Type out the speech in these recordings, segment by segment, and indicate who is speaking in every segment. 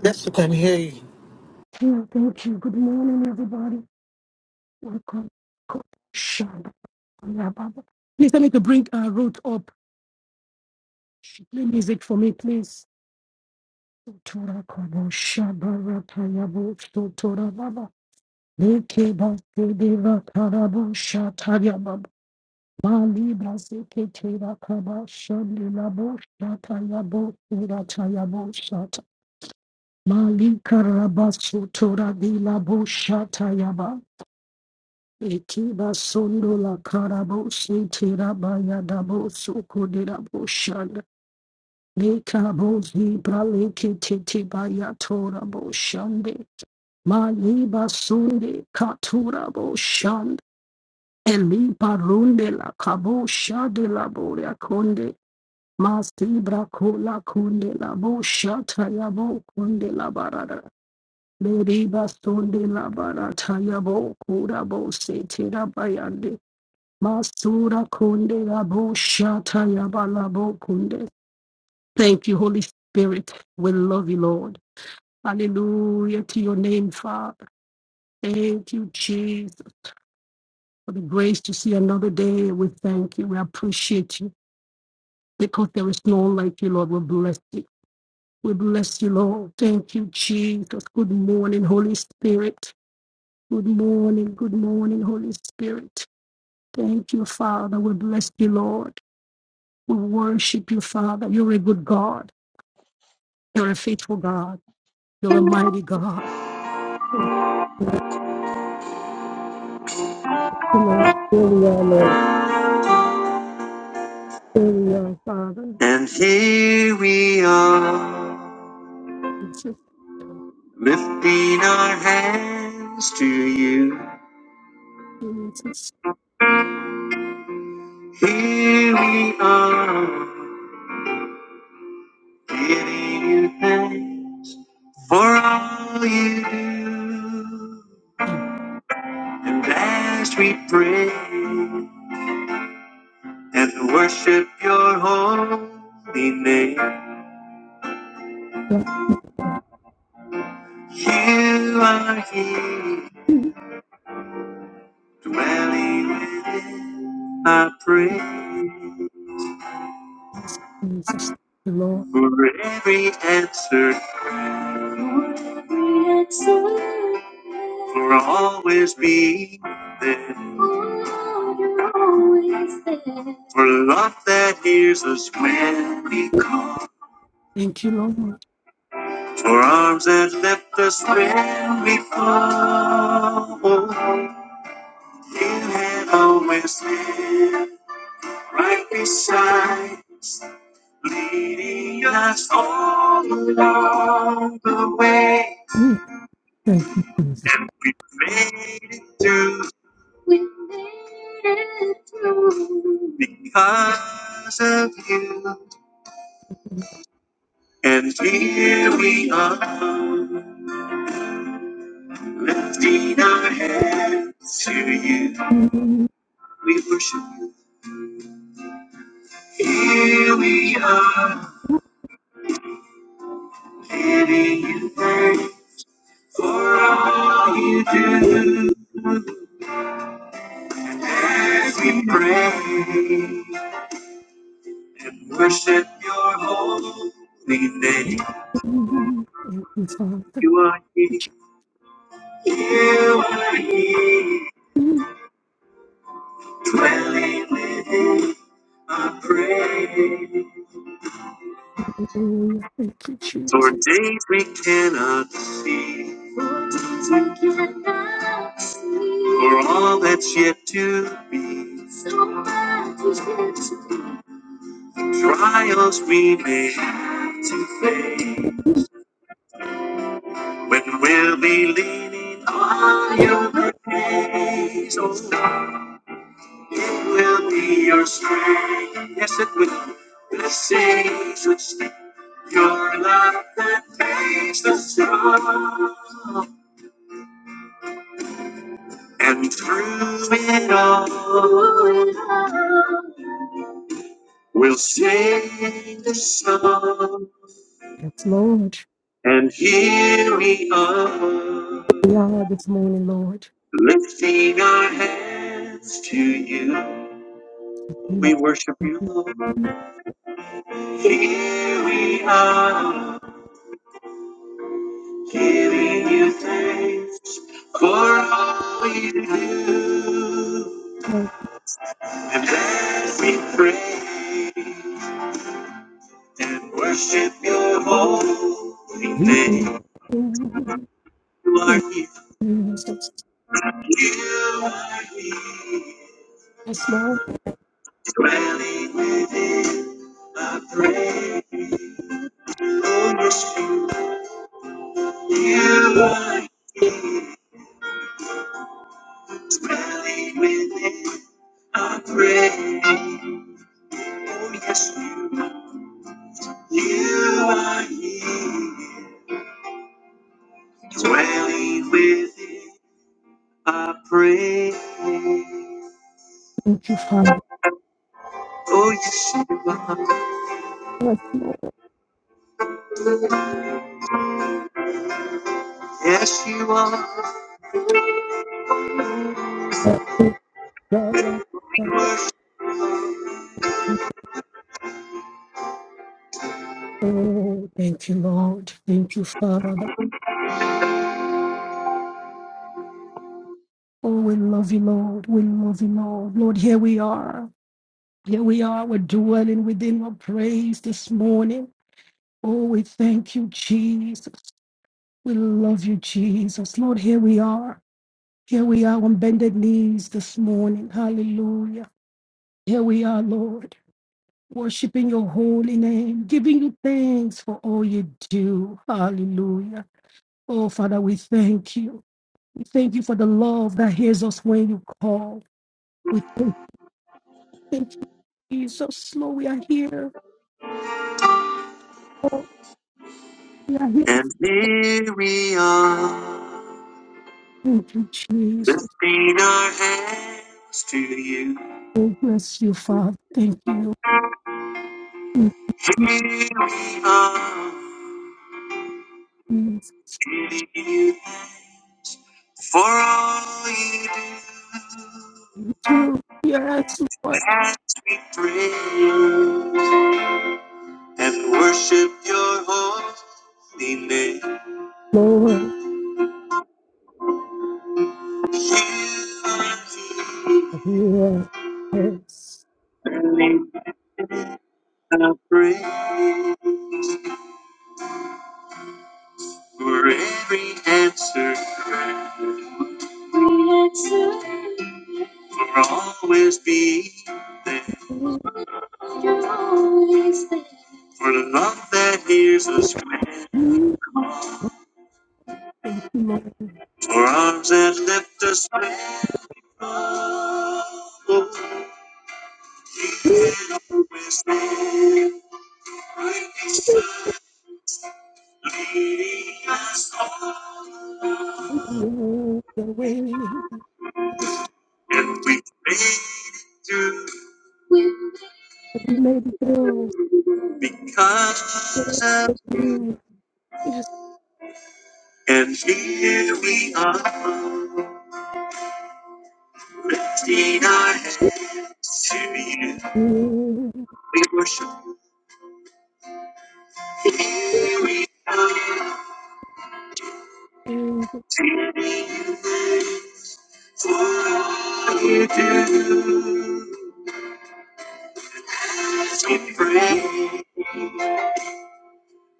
Speaker 1: Yes, I can hear you.
Speaker 2: And here we are, lifting our hands to you. Here we are, giving you thanks for all you do. And as we pray and worship your holy name, you are here, dwelling within our praise. For every answer, for every answer, for always being there, for always there, for love that hears us when we call, for arms that lift us when we fall. You have always been right beside us, leading us all along the way. and we made it through. We made it through because of you. And here we are, lifting our hands to you. We worship you. Here we are, living you in as we pray and worship your holy name. You are here. You are here, dwelling. within I pray for days we cannot see, for days we cannot see, for all that's yet to be, so much is yet to be, trials we may have to face, when we'll be leaning on your grace. Oh, Lord, it will be your strength, yes, it will. Blessings which Your love that makes us strong, and through it all, we'll sing this song. And here we are, lifting our hands to you. We worship you, Lord. Here we are, giving you thanks for all you do. And as we pray and worship your holy name, you are here. You are here. Dwelling within my praise. Oh, your spirit. You are dwelling within my praise. Oh, yes, you are. You are here. Dwelling within my praise. Oh, yes, you are. Yes, you are. And here we are, lifting our hands to you. Here we are, giving you for all you do as we praise and worship your holy name. You are here, lifting our praise for every answer. prayer. For I'll always be there. For the love that hears us when. For arms that lift us when. And we made it through because of. And here we are. Lifting our hands to you. We worship you for all you do. We pray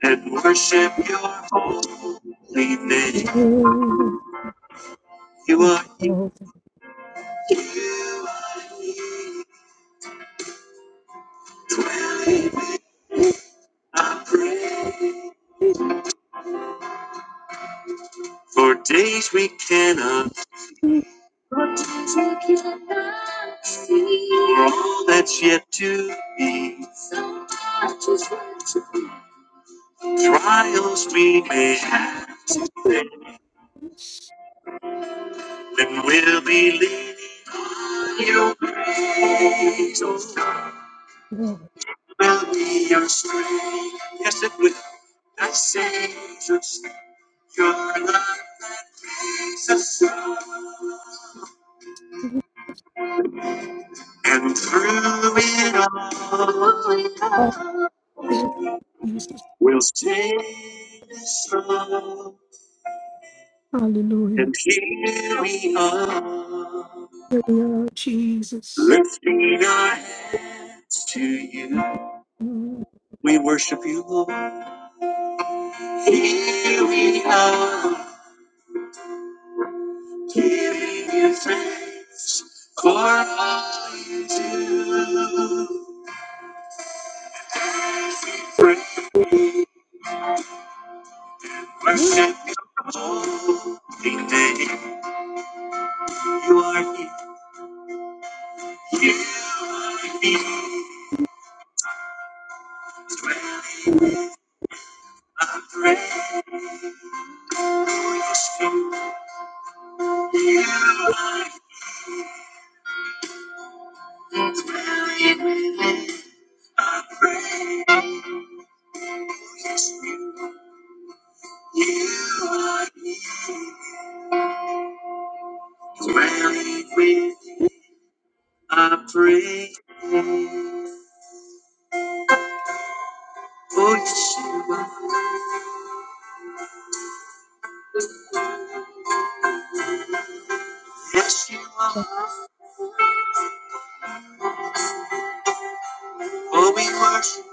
Speaker 2: and worship your holy name. You are in you when I pray for days we cannot see. All that's yet to be. so much is yet to be. Trials we may have, and we'll believe your grace. Oh, God, will be your strength. Yes, it will. I say, just your love. And through it all, we'll sing strong. And here we are, lifting our hands to you. We worship you, Lord. Here we are, giving you thanks for all you do. Praise, worship your holy name. You are here. You are here. strength. I pray for your strength. You are, you are dwelling with. I pray. Oh, yes, you are. Yes, you are. Oh, we worship.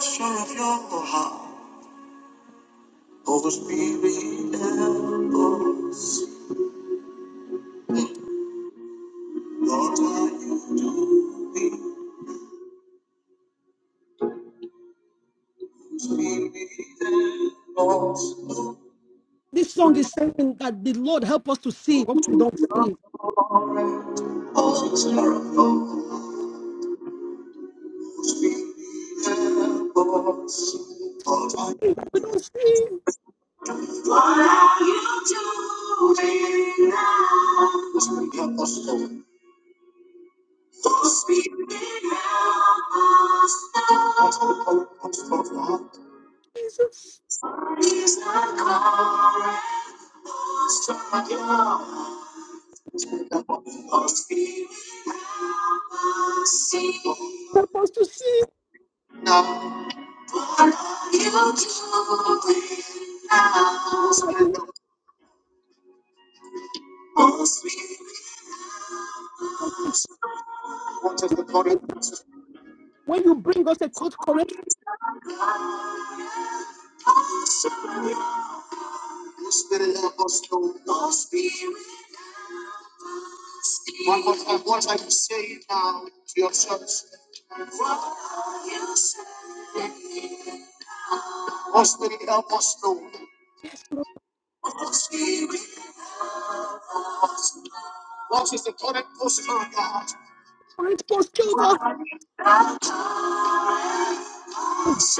Speaker 2: Sure of your heart. Holy Spirit, help us. Lord, are you doing? Spirit, help us. All things are of Holy Spirit, help us. One more time, what are you saying now to your yourself? Holy Spirit, help us, Lord. What is the current posture of God? What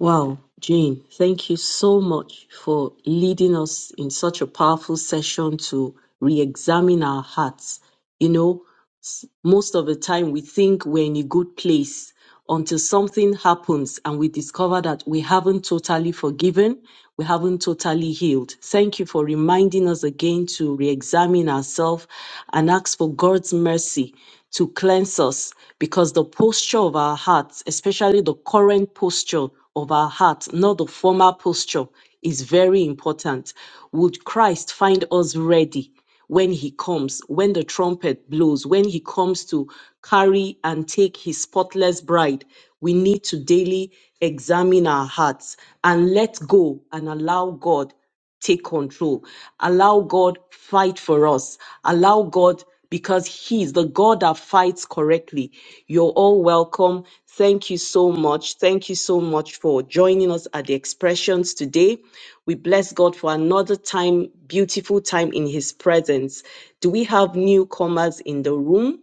Speaker 2: Wow, Jane, thank you so much for leading us in such a powerful session to re examine our hearts. You know, s- most of the time we think we're in a good place until something happens and we discover that we haven't totally forgiven, we haven't totally healed. Thank you for reminding us again to re examine ourselves and ask for God's mercy to cleanse us because the posture of our hearts, especially the current posture of our heart, not the former posture, is very important. Would Christ find us ready? when he comes, when the trumpet blows, when he comes to carry and take his spotless bride, we need to daily examine our hearts and let go and allow God take control. Allow God fight for us. Allow God because he is the God that fights correctly. You're all welcome. Thank you so much. Thank you so much for joining us at the expressions today. We bless God for another time, beautiful time in His presence. Do we have newcomers in the room?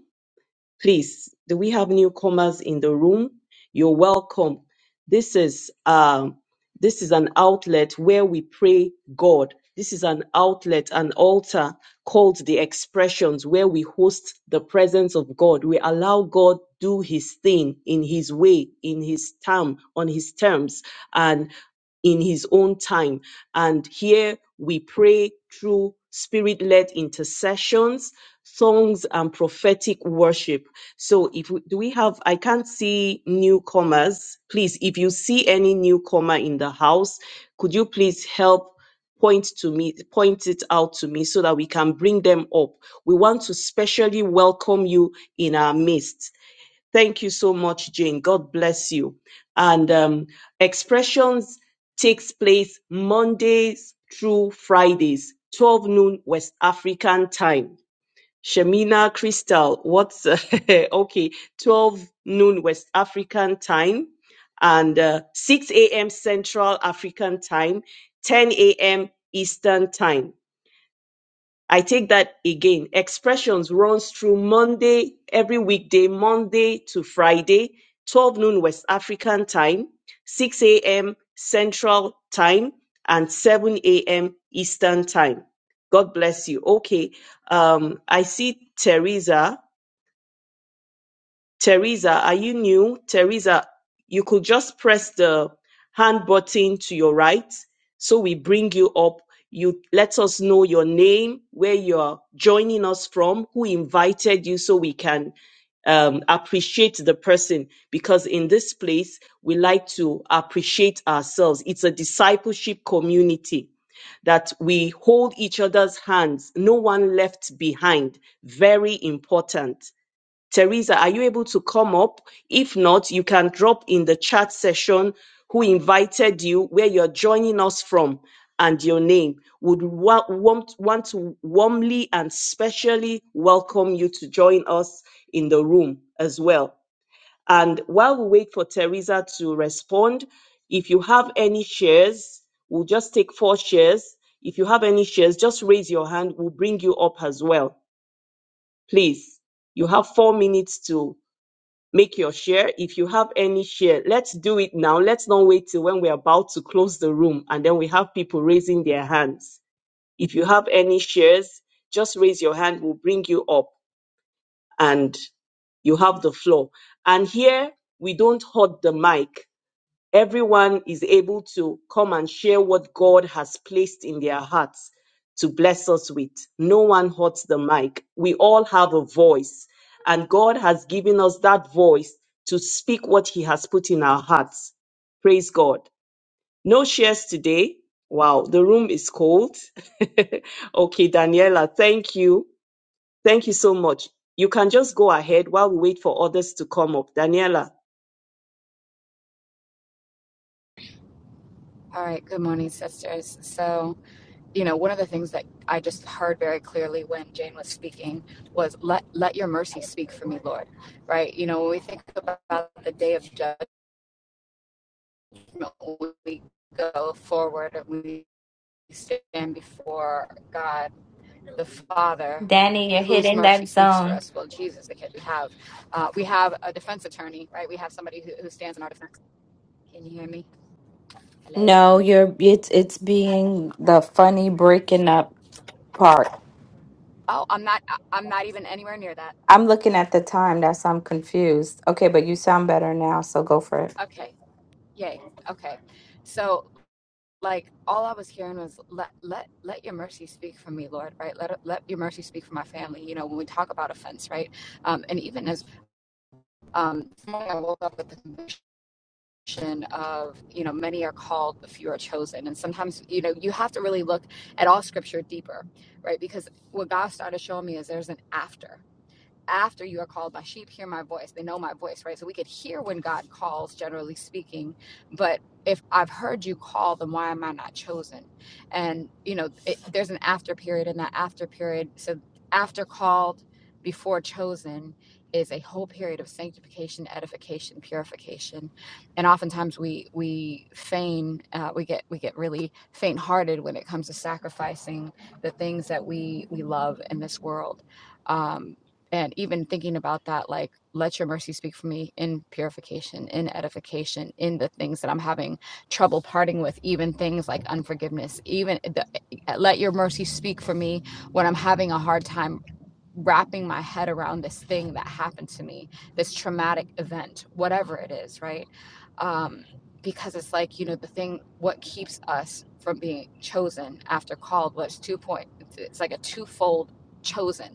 Speaker 2: Please, do we have newcomers in the room? You're welcome. This is um, this is an outlet where we pray God. This is an outlet, an altar called the expressions where we host the presence of God. We allow God do his thing in his way, in his time, on his terms. And in his own time. And here we pray through spirit led intercessions, songs, and prophetic worship. So if we, do we have, I can't see newcomers. Please, if you see any newcomer in the house, could you please help point to me, point it out to me so that we can bring them up. We want to specially welcome you in our midst. Thank you so much, Jane. God bless you. And um, expressions takes place Mondays through Fridays, 12 noon West African time Shemina Crystal, what's okay? 12 noon West African time and uh, 6 a.m. Central African time, 10 a.m. Eastern time. I take that again. Expressions runs through Monday, every weekday, Monday to Friday, 12 noon West African time, 6 a.m. Central time, and 7 a.m. Eastern time. God bless you. Okay. Um, I see Teresa. Teresa, are you new? Teresa, you could just press the hand button to your right so we bring you up. You let us know your name, where you're joining us from, who invited you, so we can um, appreciate the person. Because in this place, we like to appreciate ourselves. It's a discipleship community that we hold each other's hands, no one left behind. Very important. Teresa, are you able to come up? If not, you can drop in the chat session who invited you, where you're joining us from, and your name. Would wa- want, want to warmly and specially welcome you to join us in the room as well. And while we wait for Teresa to respond, if you have any shares, we'll just take four shares. If you have any shares, just raise your hand. We'll bring you up as well. Please, you have four minutes to make your share. If you have any share, let's do it now. Let's not wait till when we're about to close the room and then we have people raising their hands. If you have any shares, just raise your hand. We'll bring you up and you have the floor. And here we don't hold the mic everyone is able to come and share what God has placed in their hearts to bless us with. No one holds the mic. We all have a voice, and God has given us that voice to speak what He has put in our hearts. Praise God. No shares today. Wow, the room is cold. okay, Daniela, thank you. Thank you so much. You can just go ahead while we wait for others to come up. Daniela,
Speaker 3: All right, good morning, sisters. So, you know, one of the things that I just heard very clearly when Jane was speaking was let let your mercy speak for me, Lord. Right? You know, when we think about the day of judgment, we go forward and we stand before God the Father,
Speaker 4: Danny, you're
Speaker 3: whose
Speaker 4: hitting
Speaker 3: mercy
Speaker 4: that
Speaker 3: speaks for
Speaker 4: zone.
Speaker 3: us. Well, Jesus, because we have uh, we have a defense attorney, right? We have somebody who, who stands in our defense. Can you hear me? Hello.
Speaker 4: No, you're it's it's being the funny breaking up part.
Speaker 3: Oh, I'm not. I'm not even anywhere near that.
Speaker 4: I'm looking at the time, that's I'm confused. Okay, but you sound better now, so go for it.
Speaker 3: Okay. Yay. Okay. So like all I was hearing was let let let your mercy speak for me, Lord, right? Let let your mercy speak for my family. You know, when we talk about offense, right? Um, and even as um this morning I woke up with the conviction of, you know, many are called, but few are chosen. And sometimes, you know, you have to really look at all scripture deeper, right? Because what God started showing me is there's an after after you are called my sheep hear my voice they know my voice right so we could hear when god calls generally speaking but if i've heard you call then why am i not chosen and you know it, there's an after period and that after period so after called before chosen is a whole period of sanctification edification purification and oftentimes we we feign uh, we get we get really faint hearted when it comes to sacrificing the things that we we love in this world Um, and even thinking about that like let your mercy speak for me in purification in edification in the things that i'm having trouble parting with even things like unforgiveness even the, eh, let your mercy speak for me when i'm having a hard time wrapping my head around this thing that happened to me this traumatic event whatever it is right um because it's like you know the thing what keeps us from being chosen after called was two point it's like a twofold chosen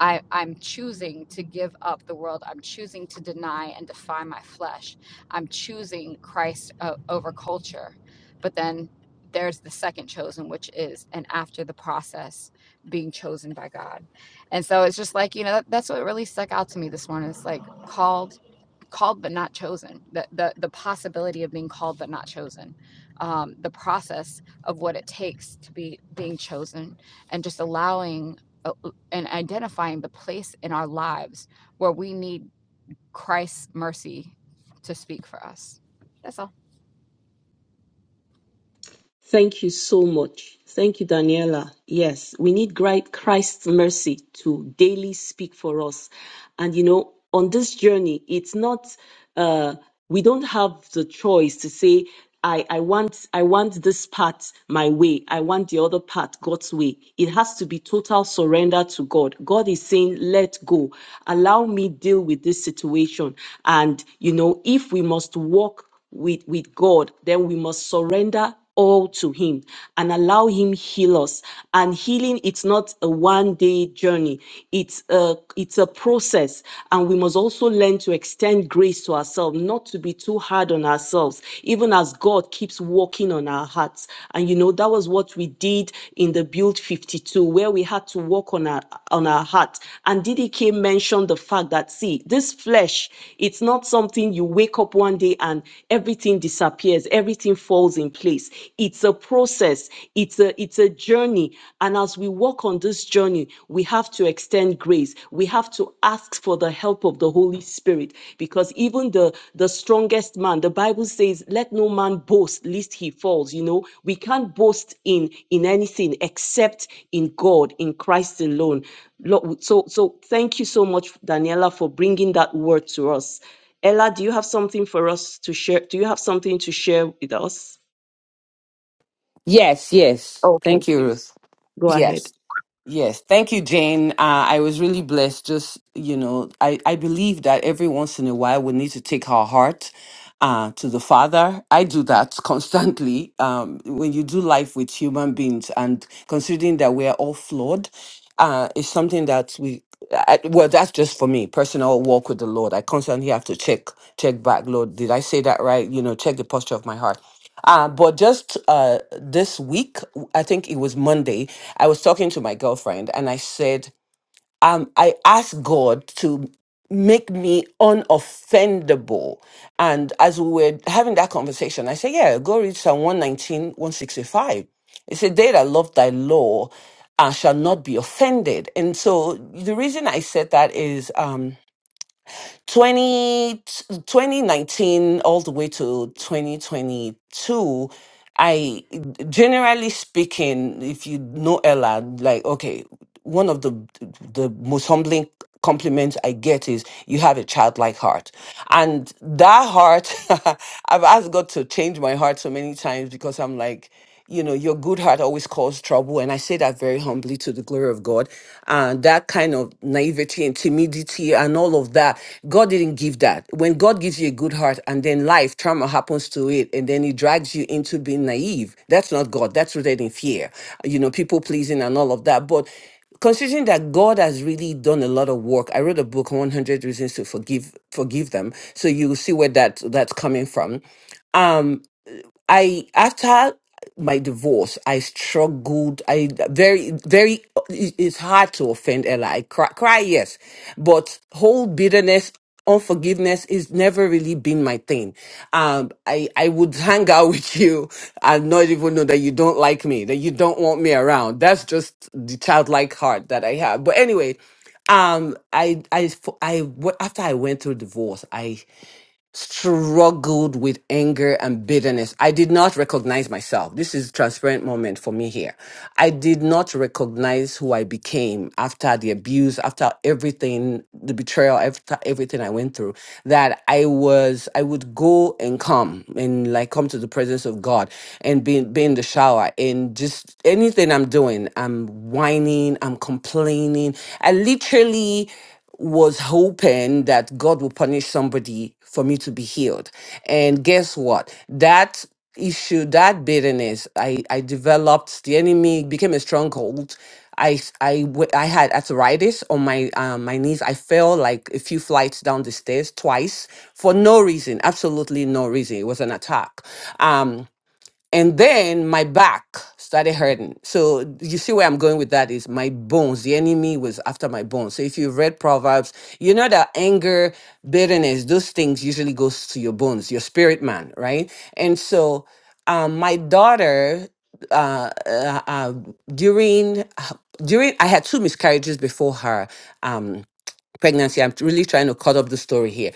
Speaker 3: I, I'm choosing to give up the world. I'm choosing to deny and defy my flesh. I'm choosing Christ uh, over culture. But then there's the second chosen, which is and after the process being chosen by God. And so it's just like, you know, that, that's what really stuck out to me this morning. It's like called called but not chosen the, the the possibility of being called but not chosen um, the process of what it takes to be being chosen and just allowing uh, uh, and identifying the place in our lives where we need christ's mercy to speak for us that's all
Speaker 2: Thank you so much. Thank you, Daniela. Yes, we need gri- Christ's mercy to daily speak for us. And you know, on this journey, it's not uh we don't have the choice to say, I, I want I want this part my way, I want the other part God's way. It has to be total surrender to God. God is saying, Let go, allow me deal with this situation. And you know, if we must walk with, with God, then we must surrender all to Him and allow Him heal us. And healing, it's not a one-day journey. It's a it's a process, and we must also learn to extend grace to ourselves, not to be too hard on ourselves, even as God keeps working on our hearts. And you know that was what we did in the build 52, where we had to work on our on our heart. And DDK mentioned the fact that see, this flesh, it's not something you wake wake up one day and everything disappears, everything falls in place. It's a process, it's a it's a journey. And as we walk on this journey, we have to extend grace. We have to ask for the help of the Holy Spirit because even the the strongest man, the Bible says, let no man boast lest he falls. You know, we can't boast in in anything except in God, in Christ alone. Lo- So so thank you so much, Daniela, for bringing that word to us. Ella, do you have something for us to share? Do you have something to share with us?
Speaker 5: Yes, yes.
Speaker 2: Okay,
Speaker 5: Thank you, Ruth.
Speaker 2: go ahead.
Speaker 5: Yes. Yes, thank you, Jane. Uh, I was really blessed. Just you know, I I believe that every once in a while we need to take our heart uh, to the Father. I do that constantly. Um, when you do life with human beings, and considering that we are all flawed, uh, it's something that we I, well, that's just for me, personal walk with the Lord. I constantly have to check, check back, Lord, did I say that right? You know, check the posture of my heart. Uh, but just uh, this week, I think it was Monday, I was talking to my girlfriend and I said, um, I ask God to make me unoffendable. And as we were having that conversation, I said, Yeah, go read Psalm one nineteen one sixty five. It said, They that love thy law uh, shall not be offended. And so the reason I said that is. Um, 20 2019 all the way to 2022 i generally speaking if you know ella like okay one of the the most humbling compliments i get is you have a childlike heart and that heart i've asked god to change my heart so many times because i'm like you know, your good heart always causes trouble. And I say that very humbly to the glory of God. And that kind of naivety and timidity and all of that, God didn't give that. When God gives you a good heart and then life, trauma happens to it, and then it drags you into being naive, that's not God. That's rooted in fear, you know, people pleasing and all of that. But considering that God has really done a lot of work, I wrote a book, 100 Reasons to Forgive Forgive Them. So you will see where that that's coming from. Um, I after my divorce, I struggled. I very very it- it's hard to offend Ella. I cry, cry yes, but whole bitterness. Unforgiveness is never really been my thing. Um, I, I would hang out with you and not even know that you don't like me, that you don't want me around. That's just the childlike heart that I have. But anyway, um, I, I, I, after I went through divorce, I struggled with anger and bitterness. I did not recognize myself. This is transparent moment for me here. I did not recognize who I became after the abuse, after everything, the betrayal, after everything I went through. That I was, I would go and come and like come to the presence of God and be, be in the shower and just anything I'm doing, I'm whining, I'm complaining. I literally was hoping that God will punish somebody for me to be healed. And guess what? That issue, that bitterness, I, I developed, the enemy became a stronghold. I, s- I, w- I had arthritis on my um, my knees. I fell like a few flights down the stairs twice for no reason, absolutely no reason. It was an attack. Um, and then my back started hurting so you see where i'm going with that is my bones the enemy was after my bones so if you've read proverbs you know that anger bitterness those things usually goes to your bones your spirit man right and so um, my daughter uh, uh, uh, during during i had two miscarriages before her um, pregnancy. I'm really trying to cut up the story here.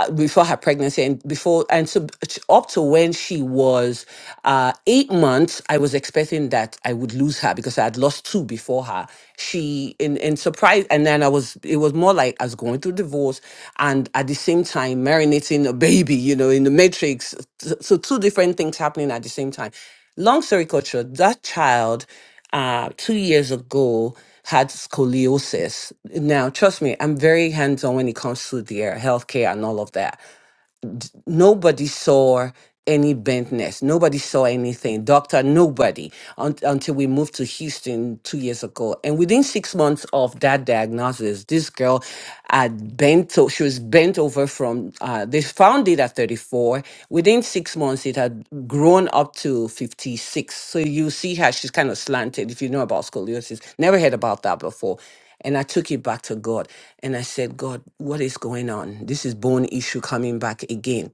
Speaker 5: Uh, Before her pregnancy and before, and so t- up to when she was uh, eight months, I was expecting that I would lose her because I had lost two before her. She, in, in surprise, and then I was, it was more like I was going through divorce and at the same time marinating a baby, you know, in the matrix. So, so two different things happening at the same time. Long story short. that child uh, two years ago had scoliosis. Now, trust me, I'm very hands on when it comes to their healthcare and all of that nobody saw any bentness. Nobody saw anything. Doctor, nobody un- until we moved to Houston two years ago. And within six months of that diagnosis, this girl had bent, so she was bent over from, uh, they found it at 34. Within six months, it had grown up to 56. So you see how she's kind of slanted, if you know about scoliosis. Never heard about that before. And I took it back to God and I said, God, what is going on? This is bone issue coming back again.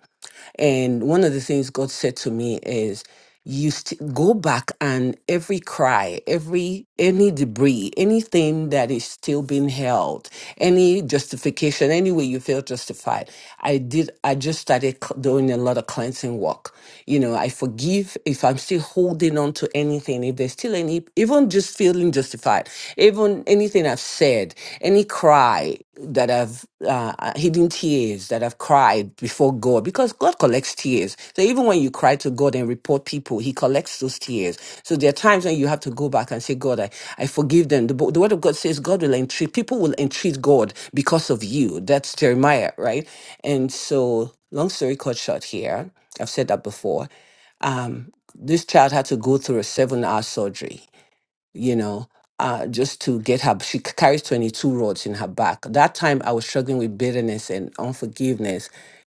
Speaker 5: And one of the things God said to me is, you st- go back and every cry, every any debris, anything that is still being held, any justification, any way you feel justified. I did. I just started cl- doing a lot of cleansing work. You know, I forgive if I'm still holding on to anything. If there's still any, even just feeling feeling justified. Even anything I've said, any cry that I've uh, uh, hidden tears that I've cried before God, because God collects tears. So even when you cry to God and report people, He collects those tears. So there are times when you have to go back and say, God, I, I forgive them. The, bo- the Word of God says God will entreat, people will entreat God because of you. That's Jeremiah, right? And so, long story cut short here, I've said that before. Um, this child had to go through a seven hour surgery you know, uh, just to get her. She c- carries 22 rods in her back. That time I was struggling with bitterness and unforgiveness.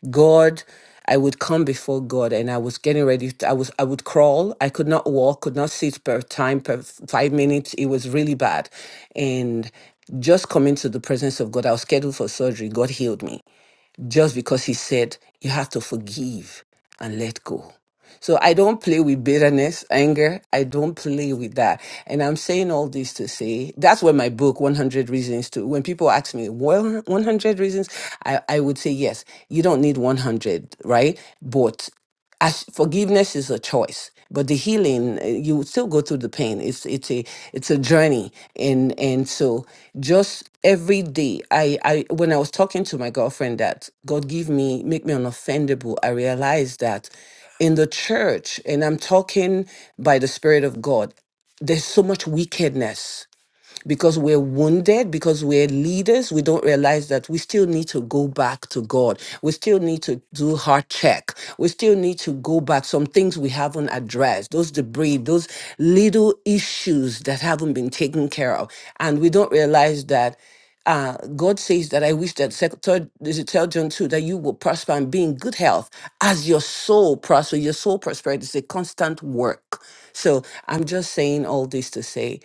Speaker 5: God, I would come before God and I was getting ready. To, I was I would crawl. I could not walk, could not sit per time per f- five minutes. It was really bad, and just coming to the presence of God, I was scheduled for surgery. God healed me just because he said you have to forgive and let go. So I don't play with bitterness, anger. I don't play with that. And I'm saying all this to say that's where my book 100 reasons to when people ask me, "Well, 100 reasons?" I I would say, "Yes, you don't need 100, right? But I, sh- forgiveness is a choice, but the healing uh, you would still go through the pain. It's it's a it's a journey, and and so just every day, I I when I was talking to my girlfriend that God give me make me unoffendable, I realized that in the church, and I'm talking by the Spirit of God, there's so much wickedness because we're wounded, because we're leaders, we don't realize that we still need to go back to God. We still need to do heart check. We still need to go back. Some things we haven't addressed, those debris, those little issues that haven't been taken care of. And we don't realize that uh, God says that I wish that sec- third, is it third John 2, that you will prosper and be in good health as your soul prosper. Your soul prosperity is a constant work. So I'm just saying all this to say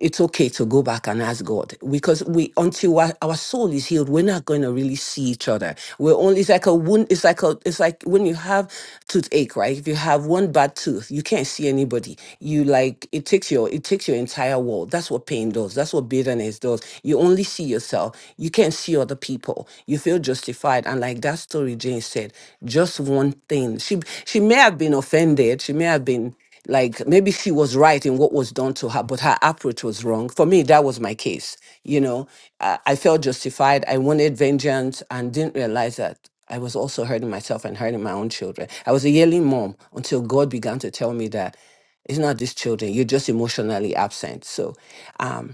Speaker 5: it's okay to go back and ask God because we until our, our soul is healed, we're not going to really see each other. We're only it's like a wound. It's like a it's like when you have toothache, right? If you have one bad tooth, you can't see anybody. You like it takes your it takes your entire world. That's what pain does. That's what bitterness does. You only see yourself. You can't see other people. You feel justified. And like that story Jane said, just one thing. She she may have been offended. She may have been like maybe she was right in what was done to her but her approach was wrong for me that was my case you know i, I felt justified i wanted vengeance and didn't realize that i was also hurting myself and hurting my own children i was a yelling mom until god began to tell me that it's not these children you're just emotionally absent so um,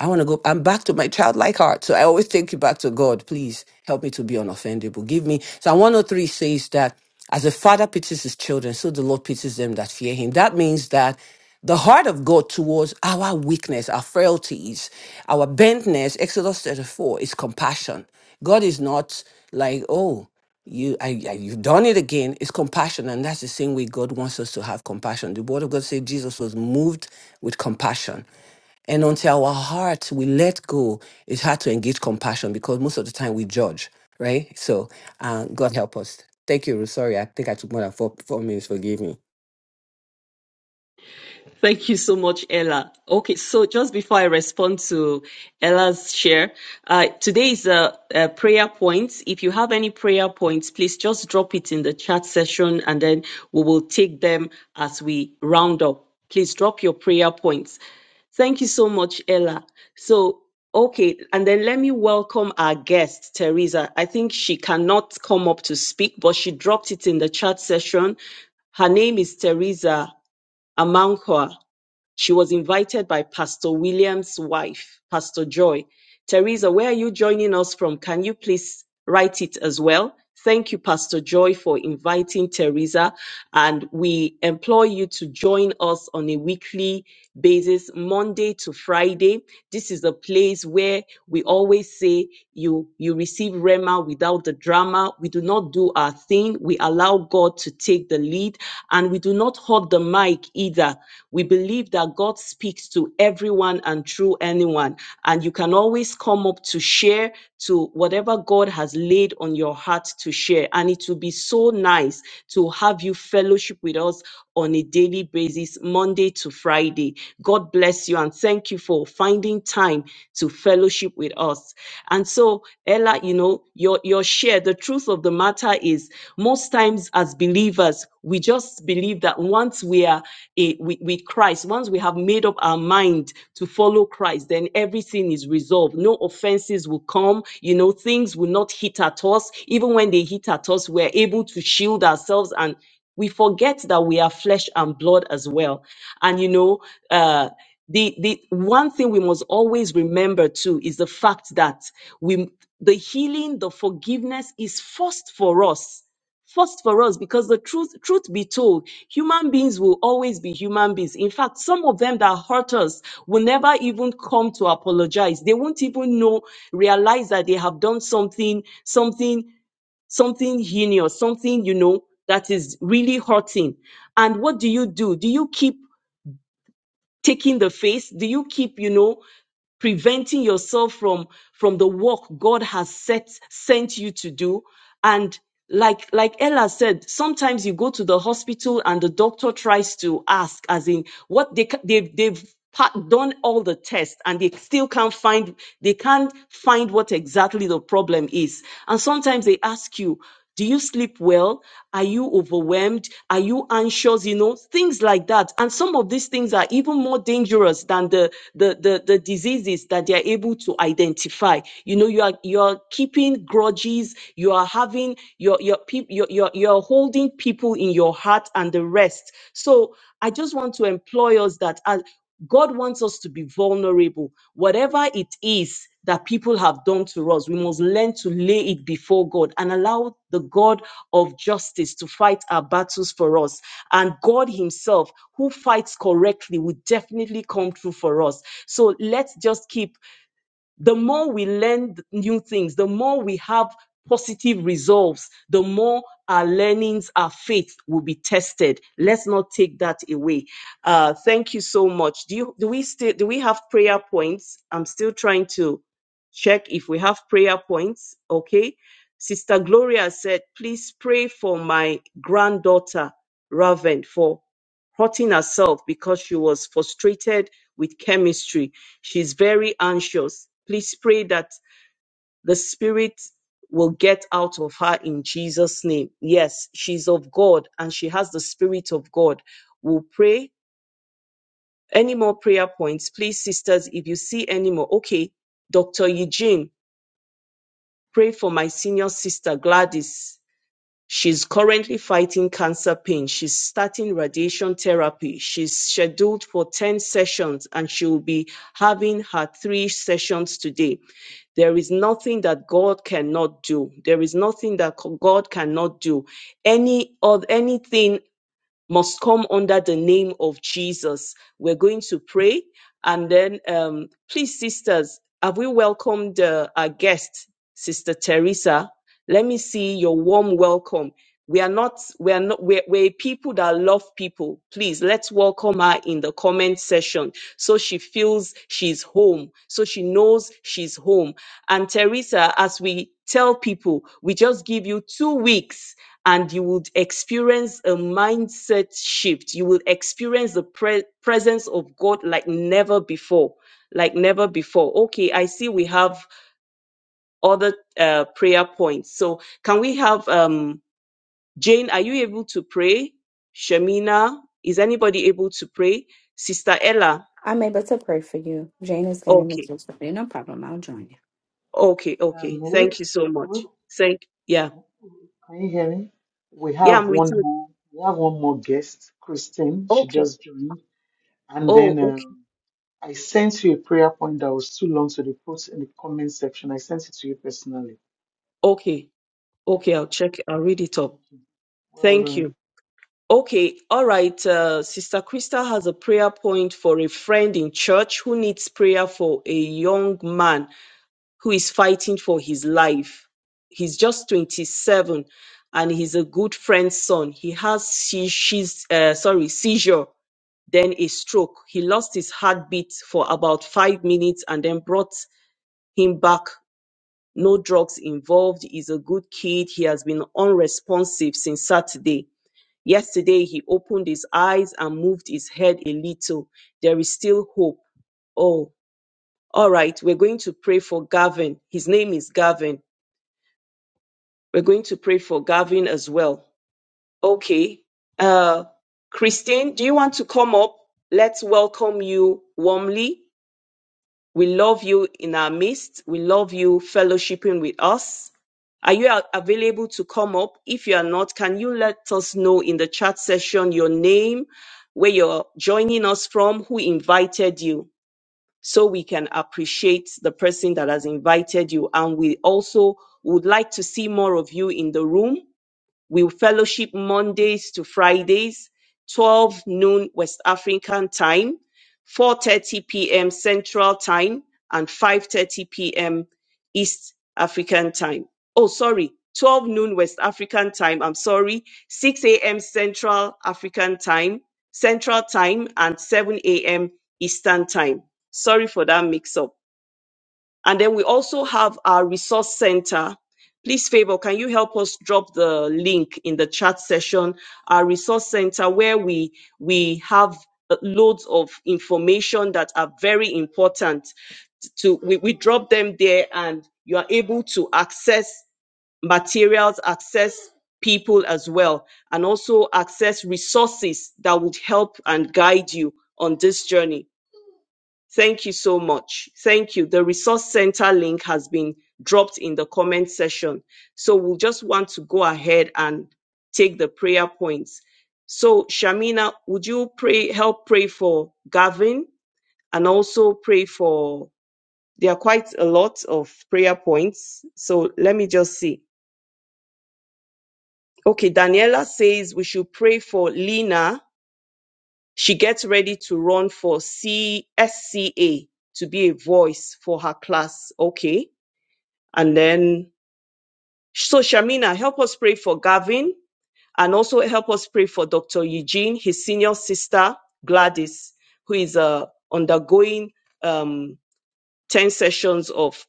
Speaker 5: I want to go. I'm back to my childlike heart. So I always take you back to God. Please help me to be unoffendable. Give me. so Psalm 103 says that as a father pities his children, so the Lord pities them that fear him. That means that the heart of God towards our weakness, our frailties, our bentness, Exodus 34, is compassion. God is not like, oh, you I, I, you've done it again it's compassion and that's the same way god wants us to have compassion the word of god says jesus was moved with compassion and until our hearts we let go, it's hard to engage compassion because most of the time we judge, right? So, uh, God help us. Thank you, Ruth. Sorry, I think I took more than four, four minutes. Forgive me.
Speaker 2: Thank you so much, Ella. Okay, so just before I respond to Ella's share, uh, today is a, a prayer point. If you have any prayer points, please just drop it in the chat session and then we will take them as we round up. Please drop your prayer points. Thank you so much, Ella. So, okay, and then let me welcome our guest, Teresa. I think she cannot come up to speak, but she dropped it in the chat session. Her name is Teresa Amankwa. She was invited by Pastor William's wife, Pastor Joy. Teresa, where are you joining us from? Can you please write it as well? Thank you, Pastor Joy, for inviting Teresa. And we implore you to join us on a weekly basis, Monday to Friday. This is a place where we always say you, you receive Rema without the drama. We do not do our thing. We allow God to take the lead and we do not hold the mic either we believe that God speaks to everyone and through anyone. And you can always come up to share to whatever God has laid on your heart to share. And it will be so nice to have you fellowship with us on a daily basis, Monday to Friday. God bless you and thank you for finding time to fellowship with us. And so, Ella, you know, your, your share, the truth of the matter is most times as believers, we just believe that once we are i- with, with Christ, once we have made up our mind to follow Christ, then everything is resolved. No offenses will come. You know, things will not hit at us. Even when they hit at us, we're able to shield ourselves and we forget that we are flesh and blood as well. And, you know, uh, the, the one thing we must always remember too is the fact that we the healing the forgiveness is first for us first for us because the truth truth be told human beings will always be human beings in fact some of them that hurt us will never even come to apologize they won't even know realize that they have done something something something heinous something you know that is really hurting and what do you do do you keep taking the face? Do you keep, you know, preventing yourself from from the work God has set sent you to do and like like Ella said sometimes you go to the hospital and the doctor tries to ask as in what they ca- they've they've pa- done all the tests and they still can't find they can't find what exactly the problem is and sometimes they ask you do you sleep well? Are you overwhelmed? Are you anxious? You know, things like that. And some of these things are even more dangerous than the the the, the diseases that they are able to identify. You know, you are you're keeping grudges, you are having your your people you're, you're you're holding people in your heart and the rest. So I just want to employ us that as God wants us to be vulnerable. Whatever it is that people have done to us, we must learn to lay it before God and allow the God of justice to fight our battles for us. And God Himself, who fights correctly, will definitely come through for us. So let's just keep the more we learn th- new things, the more we have positive resolves, the more our learnings, our faith will be tested. Let's not take that away. Uh, thank you so much. Do you do we still do we have prayer points? I'm still trying to check if we have prayer points. Okay. Sister Gloria said, please pray for my granddaughter, Raven, for hurting herself because she was frustrated with chemistry. She's very anxious. Please pray that the spirit will get out of her in Jesus' name. Yes, she's of God and she has the spirit of God. We'll pray. Any more prayer points? Please, sisters, if you see any more. Okay, Dr. Eugene, pray for my senior sister, Gladys. She's currently fighting cancer pain, she's starting radiation therapy, she's scheduled for 10 sessions and she will be having her three sessions today. There is nothing that God cannot do. There is nothing that co- God cannot do. Any of anything must come under the name of Jesus. We're going to pray. And then, um, please, sisters, have we welcomed uh, our guest, Sister Teresa? Let me see your warm welcome. We are not, we are not, we're, we're a people that love people. Please let's welcome her in the comment section so she feels she's home, so she knows she's home. And Teresa, as we tell people, we just give you two weeks and you would experience a mindset shift. You will experience the pre- presence of God like never before. Like never before. Okay, I see we have other uh, prayer points. So, can we have um, Jane? Are you able to pray? Shamina, is anybody able to pray? Sister Ella.
Speaker 4: I'm able to pray for you. Jane is getting me
Speaker 2: Okay,
Speaker 4: to pray. No problem. I'll join you.
Speaker 2: okay, okay.
Speaker 1: Um,
Speaker 2: Thank
Speaker 1: Ruth,
Speaker 2: you so
Speaker 1: Ruth,
Speaker 2: much. Thank. Yeah,
Speaker 1: can you hear me? We
Speaker 2: yeah.
Speaker 1: have
Speaker 2: I'm with
Speaker 1: one
Speaker 2: you.
Speaker 1: more. We have one more guest, Christine. She
Speaker 2: Okay.
Speaker 1: just joined, and
Speaker 2: Oh,
Speaker 1: then
Speaker 2: okay,
Speaker 1: um, I sent you a prayer point that was too long, so they put in the comment section. I sent it to you personally.
Speaker 2: okay,
Speaker 1: It's
Speaker 2: okay. I'll
Speaker 1: okay.
Speaker 2: check. I'll read it up.
Speaker 1: Thank you. Well
Speaker 2: Thank
Speaker 1: done.
Speaker 2: you. Okay, all right. Uh, Sister Krista has a prayer point for a friend in church who needs prayer for a young man who is fighting for his life. He's just 27 and he's a good friend's son. He has se- she's, uh, sorry, seizure, then a stroke. He lost his heartbeat for about five minutes and then brought him back. No drugs involved. He's a good kid. He has been unresponsive since Saturday. Yesterday he opened his eyes and moved his head a little. There is still hope. Oh, all right. We're going to pray for Gavin. His name is Gavin. We're going to pray for Gavin as well. Okay. Uh, Christine, do you want to come up? Let's welcome you warmly. We love you in our midst. We love you fellowshipping with us. Are you a- available to come up? If you are not, can you let us know in the chat session your name, where you're joining us from, who invited you, so we can appreciate the person that has invited you. And we also would like to see more of you in the room we fellowship Mondays to Fridays, 12 noon West African time, 4:30 p.m. Central time, and 5:30 p.m. East African time. Oh, sorry, 12 noon West African time. I'm sorry, 6 a.m. Central African time, Central time, and 7 a.m. Eastern time. Sorry for that mix-up and then we also have our resource center. Please, favor, can you help us drop the link in the chat session? Our resource center where we we have uh, loads of information that are very important to we, we drop them there and you are able to access materials access people as well and also access resources that would help and guide you on this journey Thank you so much. Thank you. The resource center link has been dropped in the comment section. So we will just want to go ahead and take the prayer points. So Shamina, would you pray, help pray for Gavin and also pray for, there are quite a lot of prayer points. So let me just see. Okay. Daniela says we should pray for Lina. She gets ready to run for CSCA to be a voice for her class. Okay. And then, so Shamina, help us pray for Gavin and also help us pray for Dr. Eugene, his senior sister, Gladys, who is uh, undergoing um, 10 sessions of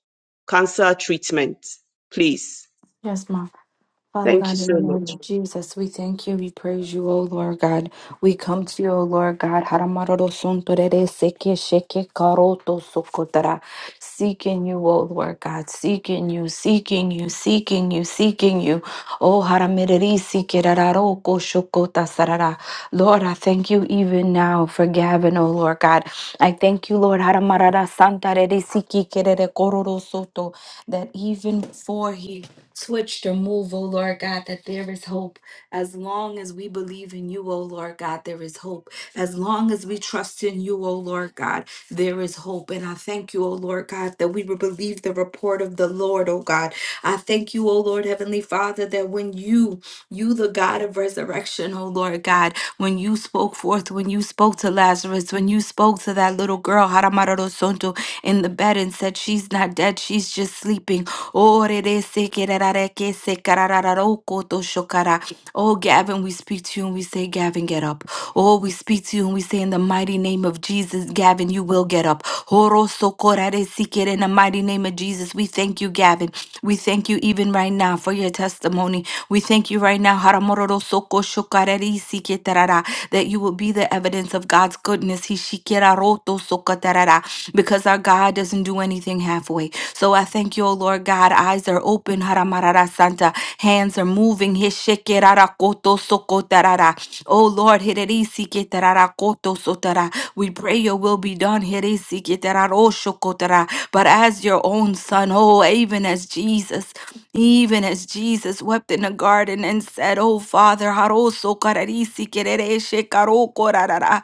Speaker 2: cancer treatment. Please.
Speaker 4: Yes, ma'am. Father
Speaker 2: Thank you
Speaker 4: God, in
Speaker 2: so
Speaker 4: the name
Speaker 2: much.
Speaker 4: of Jesus, we thank you, we praise you, O Lord God. We come to you, O Lord God, Haramaroro sunturere seke sheke karoto sokotara. seeking you, O Lord God, seeking you, seeking you, seeking you, seeking you. O Haramiriri sikerararoko shokota sarara. Lord, I thank you even now for Gavin, O Lord God. I thank you, Lord, Haramarara santarere sikikerere kororo soto, that even before he switched or move, O Lord God, that there is hope. As long as we believe in you, O Lord God, there is hope. As long as we trust in you, O Lord God, there is hope. And I thank you, O Lord God, that we will believe the report of the Lord, O God. I thank you, O Lord Heavenly Father, that when you, you the God of resurrection, O Lord God, when you spoke forth, when you spoke to Lazarus, when you spoke to that little girl, girl Haramararo Sonto in the bed and said, She's not dead, she's just sleeping. Oh, rere se kererare ke se kararararo koto shokara. Oh, Gavin, we speak to you and we say, Gavin, get up. Oh, we speak to you and we say, In the mighty name of Jesus, Gavin, you will get up. Horo sokorare si kere In the mighty name of Jesus, we thank you, Gavin. We thank you even right now for your testimony. We thank you right now soko shokareri siketarara, that you will be the evidence of God's goodness. He shikera roto sokatarara, Because our God doesn't do anything halfway. So I thank you, O Lord God. Eyes are open, haramarara santa. Hands are moving. he shekerara koto sokotarara. O Lord, hereri siketarara koto sotara. we pray your will be done. hereri siketararo shokotara. But as your own son, son. Oh, even as Jesus, even as Jesus wept in the garden and said, Oh, Father, haroso kararisi kerereshe karo korarara.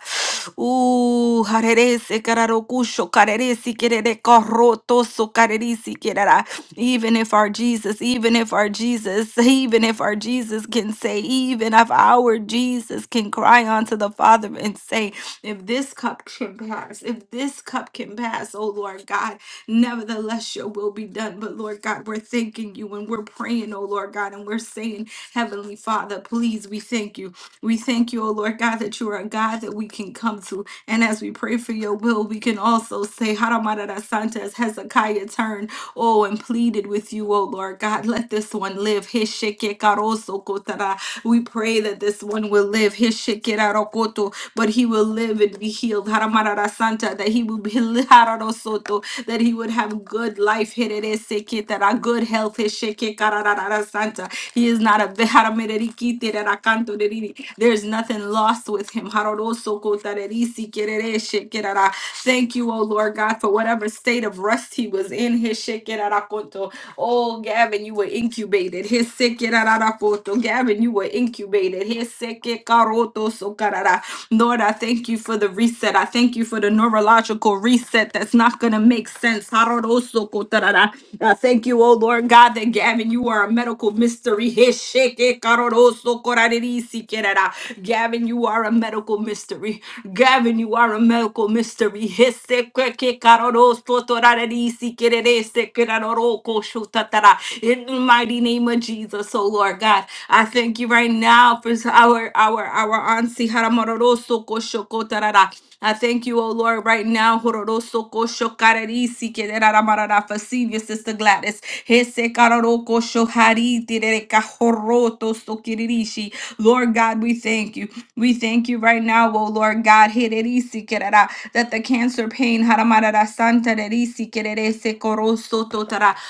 Speaker 4: Ooh, harerese kararokusho kareresi kerere karotoso karerisi kerara. Even if our Jesus, even if our Jesus, even if our Jesus can say, even if our Jesus can cry unto the Father and say, if this cup can pass, if this cup can pass, oh Lord God, Nevertheless, your will be done. But Lord God, we're thanking you and we're praying, oh Lord God, and we're saying, Heavenly Father, please, we thank you. We thank you, oh Lord God, that you are a God that we can come to. And as we pray for your will, we can also say, Haramarada Santa, as Hezekiah turned, oh, and pleaded with you, oh Lord God, let this one live. Heshekekaroso kotara. We pray that this one will live. Heshekerarokotara but he will live and be healed. Haramarara Santa, that he will be Hararo Soto, that he would have good life. Herere Seketara, Good health. Hesheke Kararara Santa. He is not a Haramereri Kiterara Kanto Deriri. There is nothing lost with him. Hararo Soko Tareri Sikerere Shekerara. Thank you, O Lord God, for whatever state of rest he was in. Heshekerara Konto. Oh, Gavin, you were incubated. Heshekerara Koto. Gavin, you were you were incubated. Heseke karoto sokarara. Lord, I thank you for the reset. I thank you for the neurological reset that's not going to make sense. Harodoso kotarara. I thank you, oh Lord God, that Gavin, you are a medical mystery. Heseke karodoso korarerisi kerara. Gavin, you are a medical mystery. Gavin, you are a medical mystery. Heseke karodoso torarerisi kererese keraroroko shotatara in the mighty name of Jesus, oh Lord God. I thank you right now for our our our auntie Haramaroroso Koshokotarara. I thank you, oh Lord, right now, Hororoso Koshokararisi Kedararamarara, for senior sister Gladys. Hese Kararoko Shohariti Dereka Horoto Sokiririshi. Lord God, we thank you. We thank you right now, oh Lord God, Hererisi Kerara, that the cancer pain, Haramarara Santa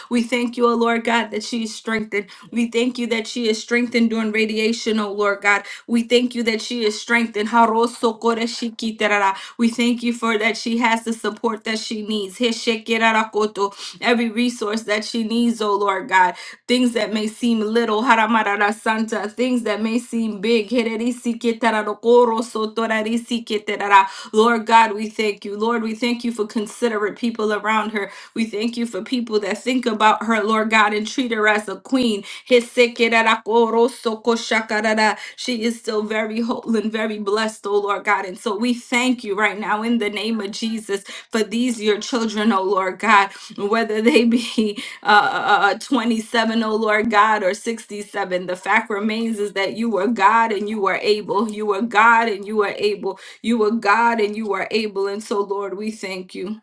Speaker 4: we thank you, O Lord God, that she is strengthened. We thank you that she is strengthened during radiation, O Lord God. We thank you that she is strengthened. We thank you for that she has the support that she needs. Every resource that she needs, O Lord God. Things that may seem little, santa. Things that may seem big. Lord God, we thank you. Lord, we thank you for considerate people around her. We thank you for people that think about her, Lord God, and treat her as a queen. Hisekerarakorosokoshakarara. She is still very whole and very blessed, oh Lord God. And so we thank you right now in the name of Jesus for these your children, oh Lord God, whether they be uh, uh, uh, 27, oh Lord God, or 67. The fact remains is that you are God and you are able. You are God and you are able. You are God and you are able. And so, Lord, we thank you.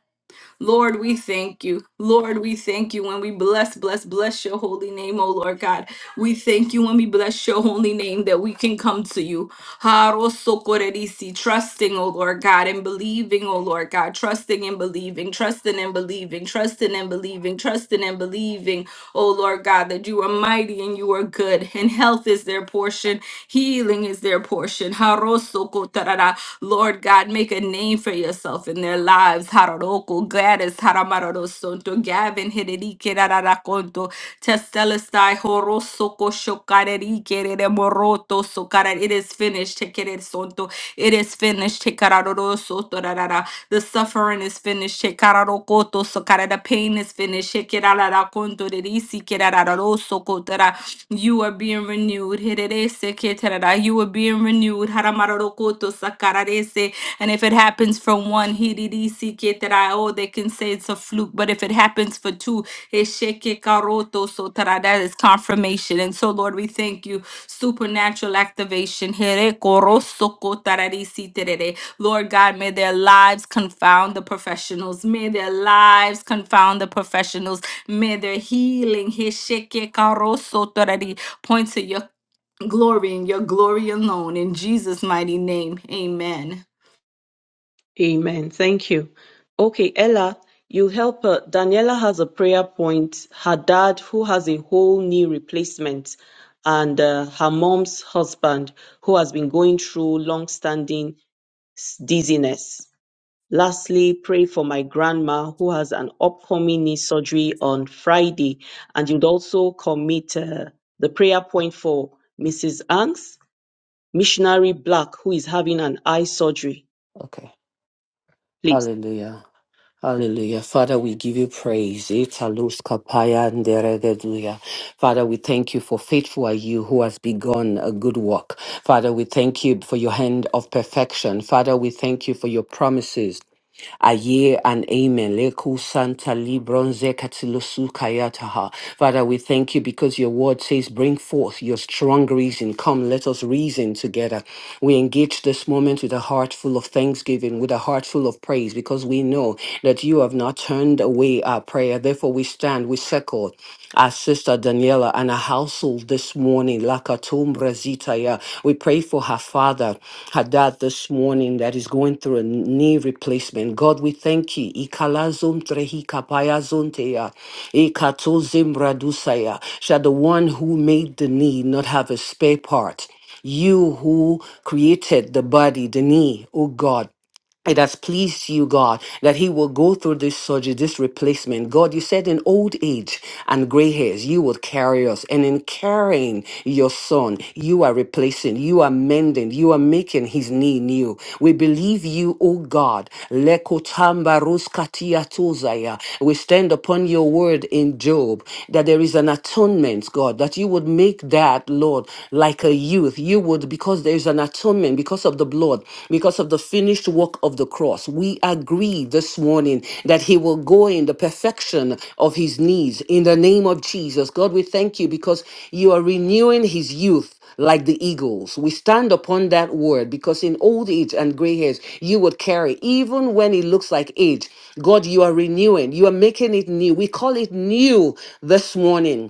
Speaker 4: Lord, we thank you. Lord, we thank you. When we bless, bless, bless your holy name, oh Lord God. We thank you when we bless your holy name that we can come to you. Harosokorerisi, Trusting, oh Lord God, and believing, oh Lord God. Trusting and believing, trusting and believing, trusting and believing, trusting and believing oh Lord God, that you are mighty and you are good, and health is their portion, healing is their portion. Harosoko tarara. Lord God, make a name for yourself in their lives. Haroroko, Gladys, Haramarorosonto, Gavin, Hiderike, Rararakonto, Testelestai, Horosoko, Shokarerike, Reremoroto, Sokara. It is finished. Tekeresonto. It is finished. Tekararorosoto, Rarara. The suffering is finished. Tekararokoto, Sokara. The pain is finished. You are being renewed. Hererese keterara. You are being renewed. Haramararokoto sakararese. And if it happens for one, hiririsi ketera, oh, they can say it's a fluke. But if it happens for two, esheke karoto sotara, that is confirmation. And so, Lord, we thank you. Supernatural activation. here koroso kotararisi terere. Lord God, may their lives confound the professionals. May their lives confound the professionals. May the healing Hesheke Karoso Torari, point to your glory and your glory alone. In Jesus' mighty name, amen.
Speaker 2: Amen. Thank you. Okay, Ella, you help her. Daniela has a prayer point. Her dad, who has a whole knee replacement, and uh, her mom's husband, who has been going through long-standing s- dizziness. Lastly, pray for my grandma who has an upcoming knee surgery on Friday. And you'd also commit uh, the prayer point for Mrs. Angs, missionary Black, who is having an eye surgery.
Speaker 5: Okay.
Speaker 2: Please.
Speaker 5: Hallelujah. Hallelujah. Father, we give you praise. Italus kapaya nderegeduya. Father, we thank you for faithful are you who has begun a good work. Father, we thank you for your hand of perfection. Father, we thank you for your promises Aye and amen. Leku Santa Libronze Katilusu Kayataha. Father, we thank you because your word says, Bring forth your strong reason. Come, let us reason together. We engage this moment with a heart full of thanksgiving, with a heart full of praise, because we know that you have not turned away our prayer. Therefore, we stand, we circle our sister Daniela and her house household this morning. Lakatum Brazitaya. We pray for her father, her dad this morning that is going through a knee replacement. God, we thank you. Ikalazum trehi kapaya zonteya. Ikatozim bradusaya. Shall the one who made the knee not have a spare part? You who created the body, the knee, O God, it has pleased you, God, that he will go through this surgery, this replacement. God, you said in old age and gray hairs, you would carry us. And in carrying your son, you are replacing, you are mending, you are making his knee new. We believe you, O God. Lekotamba ruskatia tozaya. We stand upon your word in Job that there is an atonement, God, that you would make that, Lord, like a youth. You would because there's an atonement because of the blood, because of the finished work of the cross. We agree this morning that he will go in the perfection of his needs in the name of Jesus. God, we thank you because you are renewing his youth like the eagles. We stand upon that word because in old age and gray hairs, you would carry, even when it looks like age. God, you are renewing, you are making it new. We call it new this morning.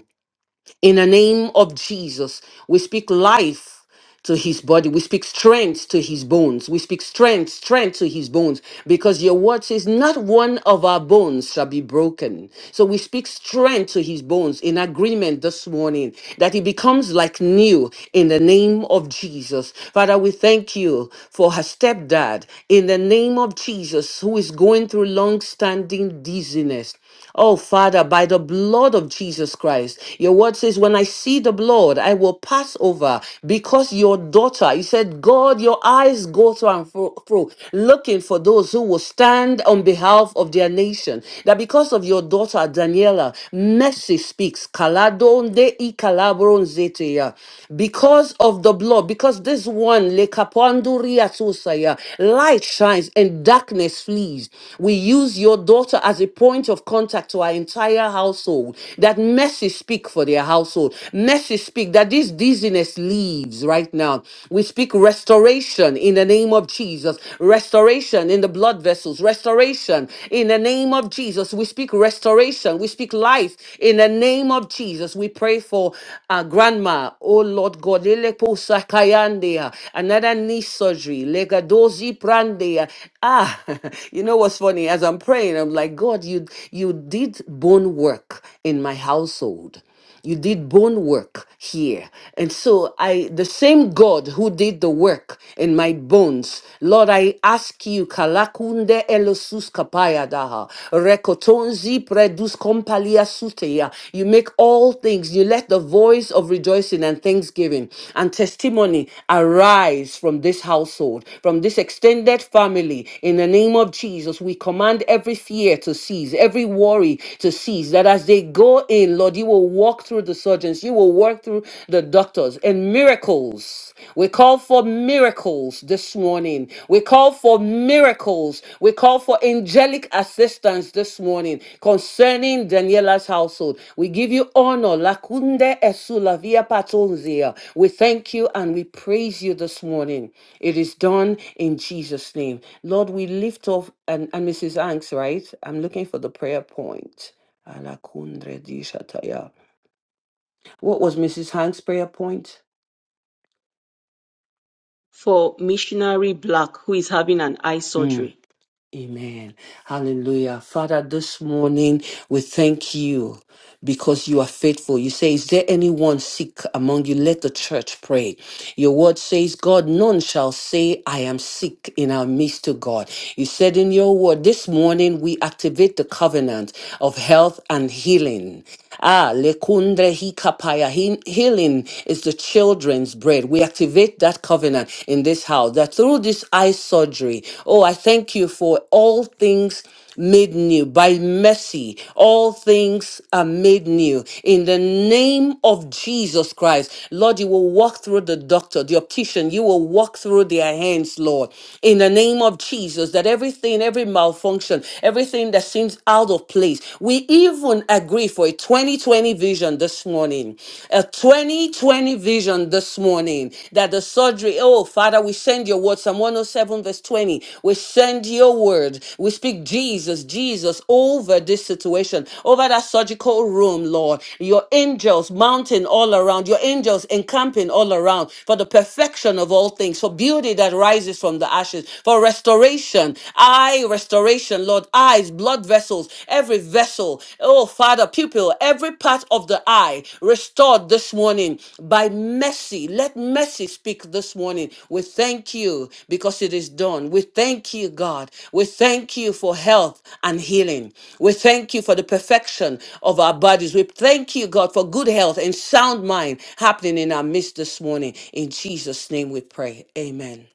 Speaker 5: In the name of Jesus, we speak life to his body. We speak strength to his bones. We speak strength, strength to his bones because your word says, Not one of our bones shall be broken. So we speak strength to his bones in agreement this morning that he becomes like new in the name of Jesus. Father, we thank you for her stepdad in the name of Jesus who is going through long standing dizziness. Oh, Father, by the blood of Jesus Christ, your word says, When I see the blood, I will pass over because your daughter, you said, God, your eyes go through and fro, fro, looking for those who will stand on behalf of their nation. That because of your daughter, Daniela, mercy speaks. Kaladonde i kalabronzeteya. Because of the blood, because this one, Le Toriatusaya. Light shines and darkness flees. We use your daughter as a point of contact to our entire household. That mercy speak for their household. Mercy speak that this dizziness leaves right now. We speak restoration in the name of Jesus. Restoration in the blood vessels. Restoration in the name of Jesus. We speak restoration. We speak life in the name of Jesus. We we pray for uh, grandma, oh Lord God, Lelepo Sakayandea, another knee surgery, Legadozi Prandea. Ah, you know what's funny? As I'm praying, I'm like, God, you you did bone work in my household you did bone work here and so i the same god who did the work in my bones lord i ask you kalakunde elosus kapaya daha. Rekotonzi predus kompalia suteya. You make all things. You let the voice of rejoicing and thanksgiving and testimony arise from this household, from this extended family. In the name of Jesus, we command every fear to cease, every worry to cease. That as they go in, Lord, you will walk through the surgeons, you will walk through the doctors, and miracles miracles. We call for miracles this morning. We call for miracles. We call for angelic assistance this morning concerning Daniela's household. We give you honor. Lakunde esulavia patonzia. We thank you and we praise you this morning. It is done in Jesus' name. Lord, we lift off and, and Mrs. Hanks. right? I'm looking for the prayer point. Alakundre di shataya. What was Mrs. Hank's prayer point?
Speaker 2: For missionary Black, who is having an eye
Speaker 5: Hmm.
Speaker 2: surgery.
Speaker 5: Amen. Hallelujah. Father, this morning we thank you because you are faithful. You say, Is there anyone sick among you? Let the church pray. Your word says, God, none shall say, I am sick in our midst to God. You said in your word, this morning we activate the covenant of health and healing. Ah, lekundre hikapaya. He- Healing is the children's bread. We activate that covenant in this house that through this eye surgery, oh, I thank you for all things made new. By mercy, all things are made new. In the name of Jesus Christ, Lord, you will walk through the doctor, the optician, you will walk through their hands, Lord. In the name of Jesus, that everything, every malfunction, everything that seems out of place, we even agree for a 2020 vision this morning a 2020 vision this morning that the surgery, oh, Father, we send your word, Psalm 107, verse 20. We send your word. We speak Jesus, Jesus over this situation, over that surgical room, Lord. Your angels mounting all around, your angels encamping all around for the perfection of all things, for beauty that rises from the ashes for restoration. eye restoration, Lord, eyes, blood vessels, every vessel, oh Father, pupil, every part of the eye restored this morning by mercy. Let mercy speak this morning. We thank you because it is done. We thank you, God. We thank you for health and healing. We thank you for the perfection of our bodies. We thank you, God, for good health and sound mind happening in our midst this morning. In Jesus' name we pray. Amen.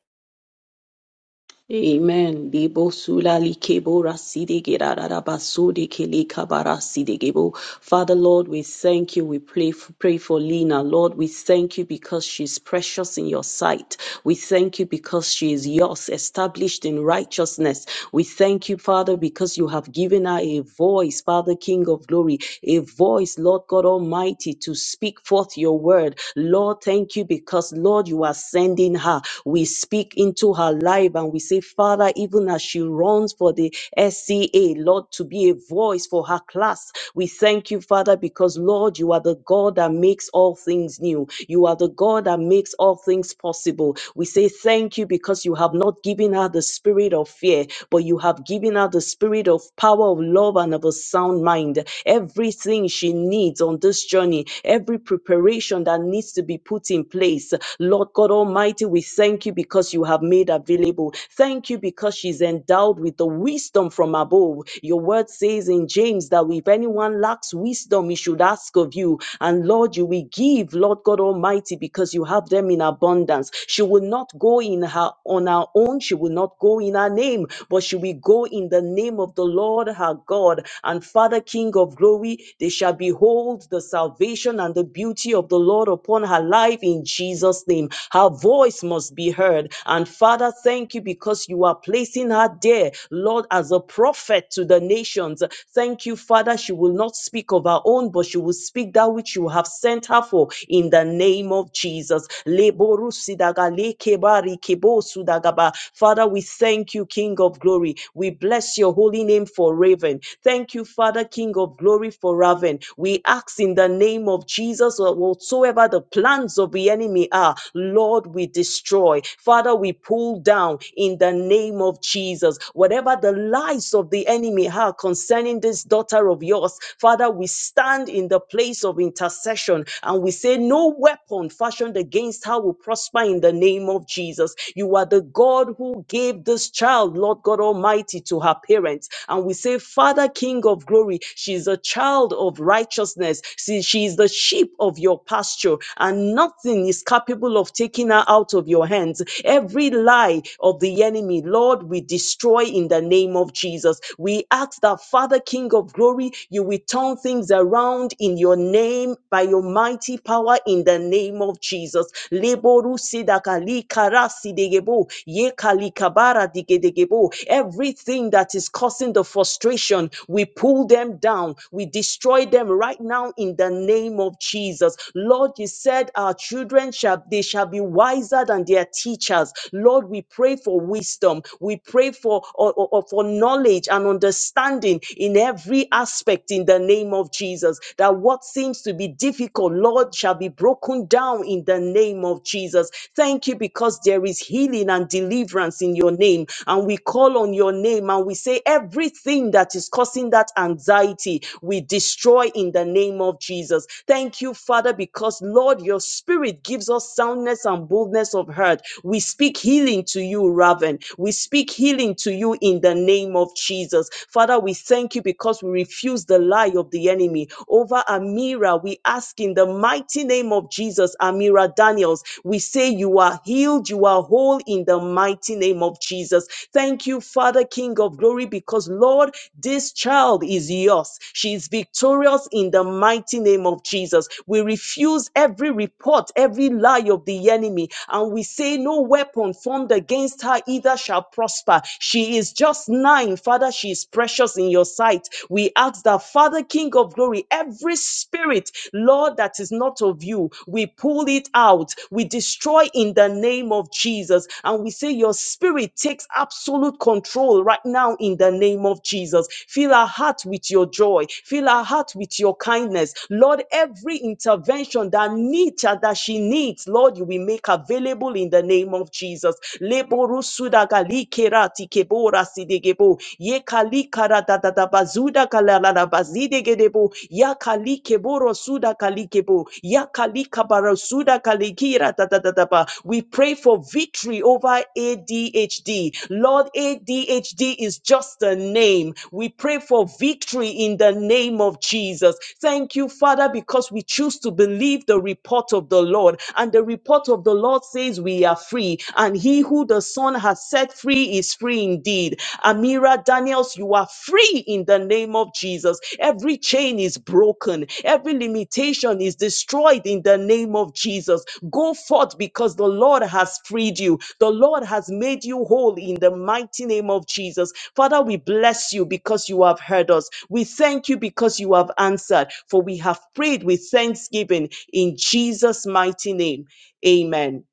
Speaker 2: Amen. Debo sula likebora sidegera raraba sodeke lekabara sidegebo. Father, Lord, we thank you. We pray for, pray for Lena. Lord, we thank you because she's precious in your sight. We thank you because she is yours, established in righteousness. We thank you, Father, because you have given her a voice, Father, King of glory, a voice, Lord God Almighty, to speak forth your word. Lord, thank you because, Lord, you are sending her. We speak into her life tribe and we say, Father, even as she runs for the SCA, Lord, to be a voice for her class, we thank you, Father, because Lord, you are the God that makes all things new. You are the God that makes all things possible. We say thank you because you have not given her the spirit of fear, but you have given her the spirit of power, of love, and of a sound mind. Everything she needs on this journey, every preparation that needs to be put in place, Lord God Almighty, we thank you because you have made available available. Thank you because she's endowed with the wisdom from above. Your word says in James that if anyone lacks wisdom, he should ask of you. And Lord, you will give, Lord God Almighty, because you have them in abundance. She will not go in her on her own, she will not go in her name, but she will go in the name of the Lord her God and Father King of glory. They shall behold the salvation and the beauty of the Lord upon her life in Jesus' name. Her voice must be heard. And Father, Father, thank you because you are placing her there, Lord, as a prophet to the nations. Thank you, Father. She will not speak of her own, but she will speak that which you have sent her for in the name of Jesus. Leboru sidaga lekebari kebo sudagaba. Father, we thank you, King of glory. We bless your holy name for Raven. Thank you, Father, King of glory for Raven. We ask in the name of Jesus, whatsoever the plans of the enemy are, Lord, we destroy. Father, we pull down in the name of Jesus. Whatever the lies of the enemy are concerning this daughter of yours, Father, we stand in the place of intercession and we say, No weapon fashioned against her will prosper in the name of Jesus. You are the God who gave this child, Lord God Almighty, to her parents. And we say, Father, King of glory, she's a child of righteousness. See, she is the sheep of your pasture, and nothing is capable of taking her out of your hands. Every lie of the enemy, Lord, we destroy in the name of Jesus. We ask that, Father, King of glory, you will turn things around in your name by your mighty power in the name of Jesus. Leboru sidakali karasi degebo, yekali kabara digedegebo. Everything that is causing the frustration, we pull them down. We destroy them right now in the name of Jesus. Lord, you said our children shall, they shall be wiser than their teachers. Lord, we pray for wisdom. We pray for, or, or- or for knowledge and understanding in every aspect in the name of Jesus. That what seems to be difficult, Lord, shall be broken down in the name of Jesus. Thank you because there is healing and deliverance in your name. And we call on your name and we say everything that is causing that anxiety, we destroy in the name of Jesus. Thank you, Father, because Lord, your spirit gives us soundness and boldness of of hurt. We speak healing to you, Raven. We speak healing to you in the name of Jesus. Father, we thank you because we refuse the lie of the enemy. Over Amira, we ask in the mighty name of Jesus, Amira Daniels, we say you are healed, you are whole in the mighty name of Jesus. Thank you, Father, King of glory, because Lord, this child is yours. She is victorious in the mighty name of Jesus. We refuse every report, every lie of the enemy and we say, No weapon formed against her either shall prosper. She is just nine. Father, she is precious in your sight. We ask that, Father, King of glory, every spirit, Lord, that is not of you, we pull it out. We destroy in the name of Jesus. And we say, Your spirit takes absolute control right now in the name of Jesus. Fill our heart with your joy. Fill our heart with your kindness. Lord, every intervention that needs that she needs, Lord, you will make make available in the name of Jesus. Leborusuda galikerati kebora sidegebo. Yekalikara da da da bazuda kalalala bazidegedebo. Yakalikeboro suda kalikebo. Yakalikabara suda kalikira da da da da ba. We pray for victory over ADHD. Lord, ADHD is just a name. We pray for victory in the name of Jesus. Thank you, Father, because we choose to believe the report of the Lord. And the report report of the Lord says we are free, and he who the Son has set free is free indeed. Amira Daniels, you are free in the name of Jesus. Every chain is broken, every limitation is destroyed in the name of Jesus. Go forth because the Lord has freed you, the Lord has made you whole in the mighty name of Jesus. Father, we bless you because you have heard us. We thank you because you have answered, for we have prayed with thanksgiving in Jesus' mighty name. Amen.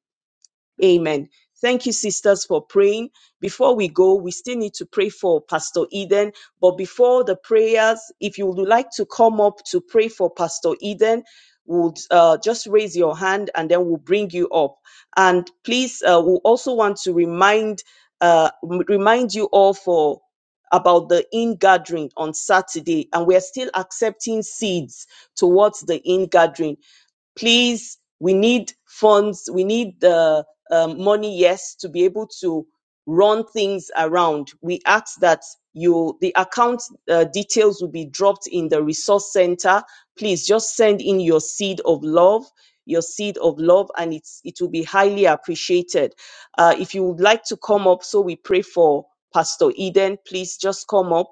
Speaker 2: Amen. Thank you, sisters, for praying. Before we go, we still need to pray for Pastor Eden. But before the prayers, if you would like to come up to pray for Pastor Eden, would uh, just raise your hand and then we'll bring you up. And please, uh, we also want to remind uh, remind you all for about the in gathering on Saturday, and we are still accepting seeds towards the in gathering please, we need funds, we need the um, money, yes, to be able to run things around. We ask that you, the account uh, details will be dropped in the resource center. Please just send in your seed of love, your seed of love, and it's, it will be highly appreciated. Uh, if you would like to come up, so we pray for Pastor Eden, please just come up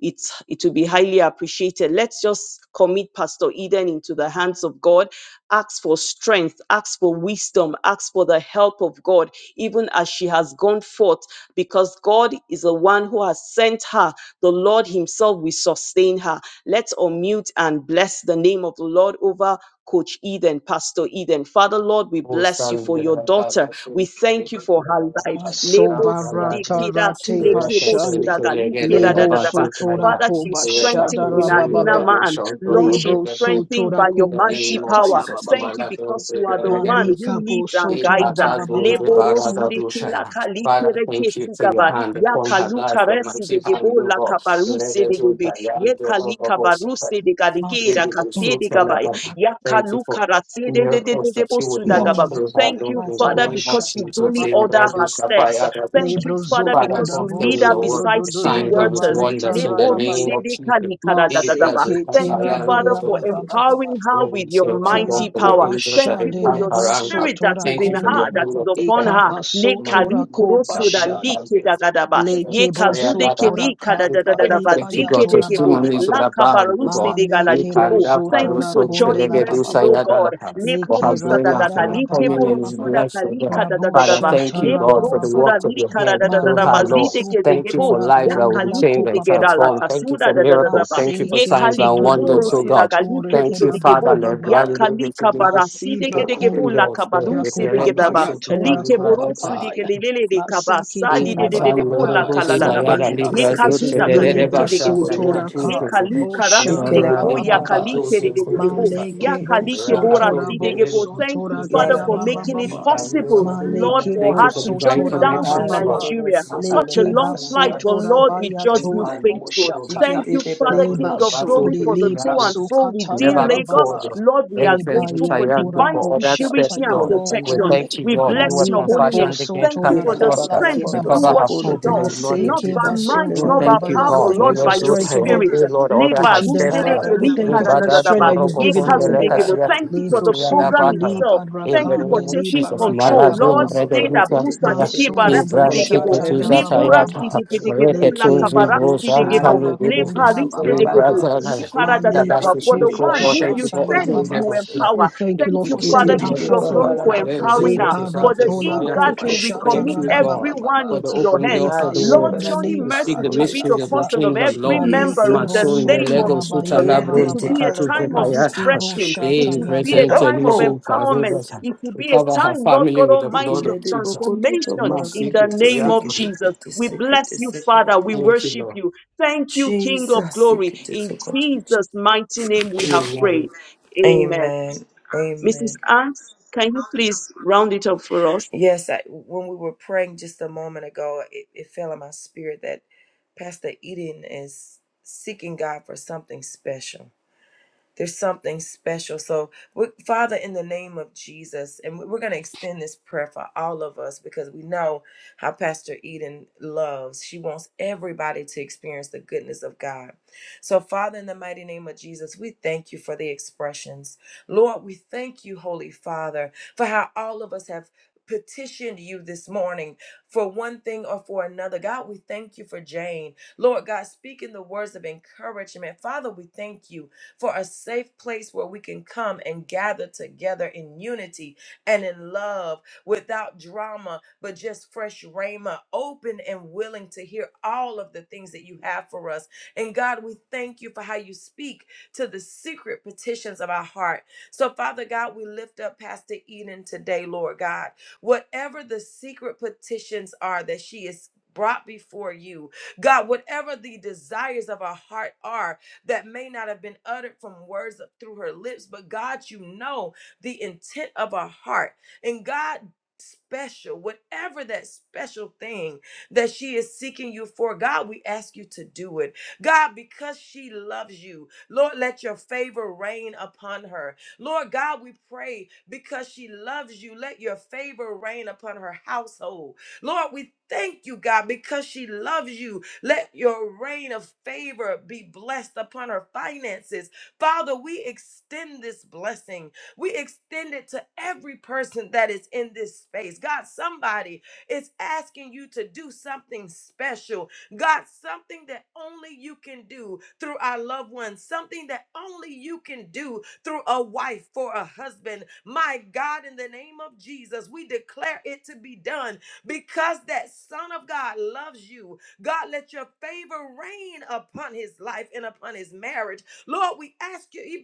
Speaker 2: it's it will be highly appreciated. Let's just commit Pastor Eden into the hands of God. Ask for strength, ask for wisdom, ask for the help of God, even as she has gone forth, because God is the one who has sent her. The Lord Himself will sustain her. Let's unmute and bless the name of the Lord over Coach Eden, Pastor Eden. Father, Lord, we
Speaker 5: Oh,
Speaker 2: bless you
Speaker 5: starting
Speaker 2: for
Speaker 5: with
Speaker 2: your
Speaker 5: that
Speaker 2: daughter. We
Speaker 5: machine.
Speaker 2: thank you for her life. Lebo sudi kida kile kebo suda gali kida da da da ba. Father, she's strengthened in her inner man. Lord, she's strengthened by your
Speaker 5: The
Speaker 2: mighty
Speaker 5: name of
Speaker 2: power.
Speaker 5: Jesus,
Speaker 2: Thank you
Speaker 5: Malato,
Speaker 2: because
Speaker 5: the
Speaker 2: you are the one who
Speaker 5: Redevisol.
Speaker 2: leads and
Speaker 5: In
Speaker 2: guides her.
Speaker 5: Patadu, the
Speaker 2: Leboro
Speaker 5: Barada
Speaker 2: suri kila
Speaker 5: Dushaya.
Speaker 2: kali
Speaker 5: Father,
Speaker 2: kere
Speaker 5: thank you for your
Speaker 2: kesigaba.
Speaker 5: hand
Speaker 2: Ya
Speaker 5: upon her
Speaker 2: kalu
Speaker 5: life, your
Speaker 2: karesi de
Speaker 5: mighty hand,
Speaker 2: gebo la
Speaker 5: move
Speaker 2: kabaruse de gebe. Ye kali
Speaker 5: on.
Speaker 2: kabaruse de gadige
Speaker 5: We
Speaker 2: da
Speaker 5: give you
Speaker 2: kase
Speaker 5: so
Speaker 2: de gaba.
Speaker 5: salabata.
Speaker 2: Ya
Speaker 5: Thank you
Speaker 2: kalu
Speaker 5: for
Speaker 2: karate de de de de
Speaker 5: miracles
Speaker 2: de
Speaker 5: that
Speaker 2: bo
Speaker 5: you would
Speaker 2: suda
Speaker 5: walk
Speaker 2: gaba.
Speaker 5: through our
Speaker 2: Thank
Speaker 5: Lord
Speaker 2: you,
Speaker 5: in the
Speaker 2: Father,
Speaker 5: name of
Speaker 2: because you
Speaker 5: Jesus.
Speaker 2: daily
Speaker 5: In
Speaker 2: order her
Speaker 5: Bradus,
Speaker 2: steps.
Speaker 5: Abaya, Radusha
Speaker 2: Thank
Speaker 5: Payadusha.
Speaker 2: you, Father,
Speaker 5: Father,
Speaker 2: because you lead
Speaker 5: confirm
Speaker 2: her
Speaker 5: your word
Speaker 2: beside
Speaker 5: with
Speaker 2: still
Speaker 5: signs and with
Speaker 2: waters.
Speaker 5: wonders in the name of Jesus. in
Speaker 2: Leborusedikalikaradadadaba.
Speaker 5: Brazil, as
Speaker 2: Thank
Speaker 5: I
Speaker 2: you,
Speaker 5: am,
Speaker 2: Father,
Speaker 5: those of
Speaker 2: for
Speaker 5: the
Speaker 2: empowering her with
Speaker 5: Holy
Speaker 2: your
Speaker 5: Spirit, you don't
Speaker 2: mighty
Speaker 5: for your
Speaker 2: power.
Speaker 5: angels
Speaker 2: Thank
Speaker 5: that
Speaker 2: you for
Speaker 5: encamp
Speaker 2: your
Speaker 5: around us.
Speaker 2: spirit that is
Speaker 5: Thank
Speaker 2: in
Speaker 5: you for your
Speaker 2: her, that
Speaker 5: hand
Speaker 2: is
Speaker 5: of
Speaker 2: upon her.
Speaker 5: protection.
Speaker 2: Lekarikurosodalikidadadaba. Yekazudekelikadadadadaba.
Speaker 5: Thank you, God.
Speaker 2: Zikedegebo.
Speaker 5: Testimonies will abound, O God. He can
Speaker 2: Lakabarusidigalalikebo. Thank
Speaker 5: gather
Speaker 2: you
Speaker 5: us
Speaker 2: for
Speaker 5: up to
Speaker 2: Johnny
Speaker 5: the gate of His
Speaker 2: mercies, oh God.
Speaker 5: house. Oh, how glorious and how many is blessed today! Father,
Speaker 2: Leporusadagadalikeborosudakalikadadadaba.
Speaker 5: thank you, God, for the work
Speaker 2: Neporosuda
Speaker 5: of Your
Speaker 2: lirika da da
Speaker 5: hands
Speaker 2: da da
Speaker 5: through
Speaker 2: da
Speaker 5: His
Speaker 2: ba
Speaker 5: Lord.
Speaker 2: zite ke de
Speaker 5: Thank you for lives
Speaker 2: ya
Speaker 5: that will be
Speaker 2: kali ke
Speaker 5: changed
Speaker 2: de
Speaker 5: and
Speaker 2: la
Speaker 5: transformed. Thank you
Speaker 2: kasura
Speaker 5: for
Speaker 2: da da da da
Speaker 5: miracles.
Speaker 2: ba
Speaker 5: Thank you for
Speaker 2: ye
Speaker 5: signs
Speaker 2: kali
Speaker 5: and
Speaker 2: ke boro
Speaker 5: wonders. Oh,
Speaker 2: suda
Speaker 5: God,
Speaker 2: gali ke de
Speaker 5: thank
Speaker 2: ge
Speaker 5: you,
Speaker 2: de
Speaker 5: Father, Lord.
Speaker 2: ya kali
Speaker 5: Grande,
Speaker 2: ka bara si de
Speaker 5: for open
Speaker 2: la
Speaker 5: doors, Lord.
Speaker 2: kabaru
Speaker 5: We
Speaker 2: si de
Speaker 5: pray
Speaker 2: da
Speaker 5: to
Speaker 2: ba
Speaker 5: so to
Speaker 2: li
Speaker 5: find the
Speaker 2: ke
Speaker 5: bride,
Speaker 2: boro
Speaker 5: we
Speaker 2: su
Speaker 5: pray.
Speaker 2: de ge le le le de
Speaker 5: He
Speaker 2: di de de
Speaker 5: cuts
Speaker 2: de de
Speaker 5: on the
Speaker 2: bo
Speaker 6: Bakana
Speaker 2: la
Speaker 6: Bata
Speaker 5: Rogos,
Speaker 2: kala
Speaker 5: he
Speaker 2: la la ba
Speaker 5: hired a
Speaker 6: Sokote to
Speaker 2: ye
Speaker 5: libra suit,
Speaker 6: Sikiti
Speaker 2: kazuda kali
Speaker 5: Chedere
Speaker 6: Balagata
Speaker 2: ke de ge
Speaker 5: Basha,
Speaker 2: de
Speaker 5: and
Speaker 6: Sokote to
Speaker 5: a two
Speaker 6: Si.
Speaker 2: ye
Speaker 5: tricks of
Speaker 2: kali
Speaker 5: them.
Speaker 2: karasi de
Speaker 6: Sikela
Speaker 2: gebo
Speaker 5: Radi
Speaker 2: ya
Speaker 6: Bakala
Speaker 5: Papa,
Speaker 6: Bata
Speaker 2: kali
Speaker 5: those
Speaker 2: ke de
Speaker 5: things
Speaker 2: de
Speaker 5: do
Speaker 6: Sokote
Speaker 5: do
Speaker 2: bo
Speaker 6: to
Speaker 5: suck.
Speaker 6: Sikiti Sikiti.
Speaker 5: Rakato, the
Speaker 6: Tisi.
Speaker 2: Yakalikebora-sidegebo.
Speaker 5: little
Speaker 2: Thank you, Father,
Speaker 6: Yala
Speaker 5: person.
Speaker 2: for making
Speaker 6: Bakondo
Speaker 2: it
Speaker 5: He can
Speaker 6: Sukudu
Speaker 2: possible,
Speaker 6: Sukula
Speaker 5: do.
Speaker 2: Lord, for
Speaker 5: Thank you
Speaker 2: her
Speaker 5: for
Speaker 6: Balagandana.
Speaker 2: to
Speaker 5: divine
Speaker 2: journey down to
Speaker 5: connections, Lord.
Speaker 6: Balaboro
Speaker 2: Nigeria.
Speaker 6: Sokula
Speaker 2: Such a long flight,
Speaker 6: Balagalakata
Speaker 2: but Lord,
Speaker 6: Sokote
Speaker 2: we
Speaker 6: to
Speaker 2: judge
Speaker 6: Si.
Speaker 5: And
Speaker 2: you
Speaker 5: never
Speaker 2: faithful. Thank
Speaker 6: Sikiti
Speaker 2: you, Father,
Speaker 6: Balagoto.
Speaker 2: King of glory, for the to and fro within Lagos.
Speaker 5: before, Lord.
Speaker 2: Lord, we
Speaker 5: Very
Speaker 2: are
Speaker 5: first, we
Speaker 2: grateful for
Speaker 5: triumph
Speaker 2: divine
Speaker 5: before all that step,
Speaker 2: security and
Speaker 5: Lord.
Speaker 6: Sukula
Speaker 5: We
Speaker 2: protection.
Speaker 6: Panduti.
Speaker 5: thank you,
Speaker 2: We
Speaker 5: Lord. You
Speaker 2: bless
Speaker 5: were
Speaker 2: your holy name.
Speaker 5: compassion
Speaker 2: Thank
Speaker 5: against
Speaker 2: you
Speaker 5: us
Speaker 2: for
Speaker 5: and
Speaker 6: Silela
Speaker 2: the
Speaker 5: prosper.
Speaker 6: Bakala
Speaker 2: strength to
Speaker 5: We
Speaker 6: Bondo
Speaker 2: do
Speaker 5: cover
Speaker 2: what
Speaker 5: her
Speaker 2: she
Speaker 6: Sokolo
Speaker 5: food
Speaker 6: to
Speaker 5: with
Speaker 2: does
Speaker 5: the blood of
Speaker 2: not by
Speaker 6: Sikiti
Speaker 5: Jesus.
Speaker 2: might,
Speaker 5: Oh,
Speaker 6: Sikela
Speaker 2: not by
Speaker 6: Bata
Speaker 5: thank you,
Speaker 2: power, but
Speaker 5: God.
Speaker 2: Lord,
Speaker 6: Sokote
Speaker 5: Amen.
Speaker 2: by
Speaker 6: to
Speaker 2: your
Speaker 5: So triumph,
Speaker 2: spirit.
Speaker 5: Oh,
Speaker 6: Sikiti.
Speaker 5: Lord, all that
Speaker 2: Leba,
Speaker 5: has steps,
Speaker 2: rusedeke,
Speaker 5: Lord.
Speaker 6: Alakando
Speaker 5: We bow
Speaker 6: sokoto
Speaker 5: down to your
Speaker 2: likadadadadaba,
Speaker 6: sokoto
Speaker 5: rock
Speaker 6: de
Speaker 5: upon the
Speaker 6: sekela
Speaker 2: yekazudegebe.
Speaker 5: legacy
Speaker 6: bala
Speaker 5: of
Speaker 6: de
Speaker 2: Thank you
Speaker 6: de
Speaker 2: for
Speaker 5: the
Speaker 2: the
Speaker 6: sokori de de
Speaker 2: program
Speaker 6: de.
Speaker 5: battle.
Speaker 2: itself.
Speaker 5: In
Speaker 2: Thank
Speaker 5: the
Speaker 2: you for
Speaker 5: name of
Speaker 2: taking
Speaker 5: Jesus,
Speaker 2: control.
Speaker 6: Alakando
Speaker 2: Lord,
Speaker 5: Malazun, Brother
Speaker 2: say
Speaker 6: sokole
Speaker 2: that
Speaker 6: de
Speaker 5: Luther,
Speaker 6: de de
Speaker 2: Busa
Speaker 6: de de
Speaker 2: Nikeba
Speaker 6: de sokola
Speaker 5: Abraham,
Speaker 2: Rastidegebo,
Speaker 5: Ticket,
Speaker 6: balare de de
Speaker 2: Libura
Speaker 6: sokode de
Speaker 5: Zatayat,
Speaker 6: de de de de
Speaker 2: Sidegebo,
Speaker 6: de
Speaker 2: La
Speaker 6: de.
Speaker 5: Repetuzi
Speaker 2: Capara
Speaker 5: Bruce and
Speaker 2: Sidegebo,
Speaker 5: Tally
Speaker 2: Le
Speaker 6: Alabokondo de
Speaker 2: Paris
Speaker 6: sokola
Speaker 5: Gibby,
Speaker 6: bala de
Speaker 2: Sidegebo,
Speaker 5: Brother,
Speaker 6: de sokode de
Speaker 5: that
Speaker 6: de
Speaker 5: that's
Speaker 6: de
Speaker 2: Liparadadadaba.
Speaker 5: the
Speaker 6: de
Speaker 2: For
Speaker 6: de
Speaker 2: the
Speaker 6: de
Speaker 5: speaker.
Speaker 2: one
Speaker 6: bala
Speaker 5: God,
Speaker 2: whom
Speaker 6: kando
Speaker 5: thank
Speaker 2: you
Speaker 5: you for
Speaker 6: sokoto
Speaker 2: send,
Speaker 5: opening
Speaker 6: de
Speaker 2: you
Speaker 6: de
Speaker 5: heaven,
Speaker 6: se.
Speaker 5: Lord.
Speaker 2: empower.
Speaker 5: Thank
Speaker 2: Thank
Speaker 5: you
Speaker 2: you,
Speaker 5: for
Speaker 6: Tiki de
Speaker 2: Father,
Speaker 5: opening
Speaker 6: de
Speaker 2: King
Speaker 6: de
Speaker 5: heaven,
Speaker 2: of Glory,
Speaker 5: Lord. We
Speaker 6: balakando
Speaker 2: for
Speaker 6: kando
Speaker 5: bring this
Speaker 2: empowering
Speaker 5: up
Speaker 2: us.
Speaker 5: to
Speaker 6: sokoto de
Speaker 2: For
Speaker 5: shout
Speaker 6: de
Speaker 2: the
Speaker 5: and desire.
Speaker 6: sokoto de
Speaker 2: ingathering, we
Speaker 6: sokola
Speaker 5: Thank
Speaker 2: commit
Speaker 5: you,
Speaker 6: bala de
Speaker 5: God,
Speaker 6: de.
Speaker 2: everyone
Speaker 5: for the
Speaker 2: into your
Speaker 5: open door
Speaker 2: hands.
Speaker 5: for the
Speaker 6: Hadi de
Speaker 2: Lord,
Speaker 5: world
Speaker 6: bala
Speaker 2: Johnny
Speaker 6: kando
Speaker 5: to speak
Speaker 2: Mercies
Speaker 5: the
Speaker 2: will
Speaker 6: sokoto de
Speaker 2: be
Speaker 5: mysteries
Speaker 6: de
Speaker 2: the
Speaker 5: of
Speaker 6: se.
Speaker 5: your
Speaker 2: portion of
Speaker 5: kingdom,
Speaker 2: every
Speaker 5: Lord.
Speaker 2: member
Speaker 5: My
Speaker 2: in the
Speaker 6: Jesus.
Speaker 5: soul in the
Speaker 2: name of
Speaker 5: Lego Suta
Speaker 2: Jesus.
Speaker 6: Ia
Speaker 5: Labro
Speaker 6: te
Speaker 2: It
Speaker 5: in
Speaker 2: will
Speaker 6: te
Speaker 2: be
Speaker 6: pala
Speaker 2: a
Speaker 5: Tecatu
Speaker 2: time
Speaker 6: kondo
Speaker 2: of
Speaker 6: so
Speaker 5: Vepayas,
Speaker 6: koto
Speaker 2: refreshing.
Speaker 6: to to
Speaker 2: It
Speaker 5: hey,
Speaker 2: will
Speaker 6: to to
Speaker 2: be a
Speaker 5: President
Speaker 6: to
Speaker 2: time of
Speaker 6: o
Speaker 5: Elizo
Speaker 6: koto
Speaker 2: empowerment.
Speaker 6: so
Speaker 5: Farodas,
Speaker 2: It
Speaker 6: koto
Speaker 2: will
Speaker 5: we
Speaker 2: be
Speaker 6: to
Speaker 2: a
Speaker 5: cover her
Speaker 6: so.
Speaker 2: time, Lord
Speaker 5: family
Speaker 2: God
Speaker 5: with the
Speaker 6: Siki
Speaker 5: blood
Speaker 2: Almighty,
Speaker 5: of
Speaker 2: of
Speaker 6: lady po
Speaker 5: Jesus.
Speaker 6: koto to
Speaker 2: transformation
Speaker 5: My
Speaker 6: pala
Speaker 2: in
Speaker 6: koto
Speaker 2: the
Speaker 6: to
Speaker 5: secret, we
Speaker 2: name
Speaker 5: ask,
Speaker 2: of
Speaker 6: siki te te
Speaker 2: Jesus.
Speaker 6: te
Speaker 2: We
Speaker 6: siki
Speaker 2: bless
Speaker 6: te
Speaker 2: you,
Speaker 6: siki
Speaker 2: Father.
Speaker 6: lady
Speaker 2: We
Speaker 6: te.
Speaker 5: Thank you,
Speaker 2: worship
Speaker 5: Lord.
Speaker 2: you. Thank you, King of
Speaker 6: Jesus
Speaker 2: glory.
Speaker 6: siki te so
Speaker 2: In
Speaker 6: koto. to.
Speaker 2: Jesus' mighty name,
Speaker 5: Oh.
Speaker 2: we have
Speaker 5: wow.
Speaker 2: prayed. Amen.
Speaker 6: Amen.
Speaker 2: Mrs.
Speaker 6: Amen.
Speaker 2: Anks, can you please round it up for us?
Speaker 6: Yes, I, when we were praying just a moment ago, it, it fell in my spirit that Pastor Eden is seeking God for something special There's something special. So, we, Father, in the name of Jesus, and we- we're going to extend this prayer for all of us because we know how Pastor Eden loves. She wants everybody to experience the goodness of God. So, Father, in the mighty name of Jesus, we thank you for the expressions. Lord, we thank you, Holy Father, for how all of us have petitioned you this morning for one thing or for another. God, we thank you for Jane. Lord God, speaking the words of encouragement. Father, we thank you for a safe place where we can come and gather together in unity and in love without drama, but just fresh rhema, open and willing to hear all of the things that you have for us. And God, we thank you for how you speak to the secret petitions of our heart. So, Father God, we lift up Pastor Eden today, Lord God. Whatever the secret petitions are that she is brought before you, God, whatever the desires of our heart are, that may not have been uttered from words of, through her lips, but God, you know the intent of our heart. And God, special, whatever that special thing that she is seeking you for, God, we ask you to do it. God, because she loves you, Lord, let your favor rain upon her. Lord God, we pray because she loves you, let your favor rain upon her household. Lord, we thank you, God, because she loves you. Let your reign of favor be blessed upon her finances. Father, we extend this blessing. We extend it to every person that is in this space. God, somebody is asking you to do something special. God, something that only you can do through our loved ones, something that only you can do through a wife for a husband. My God, in the name of Jesus, we declare it to be done because that Son of God loves you God, let your favor reign upon his life and upon his marriage. Lord, we ask you,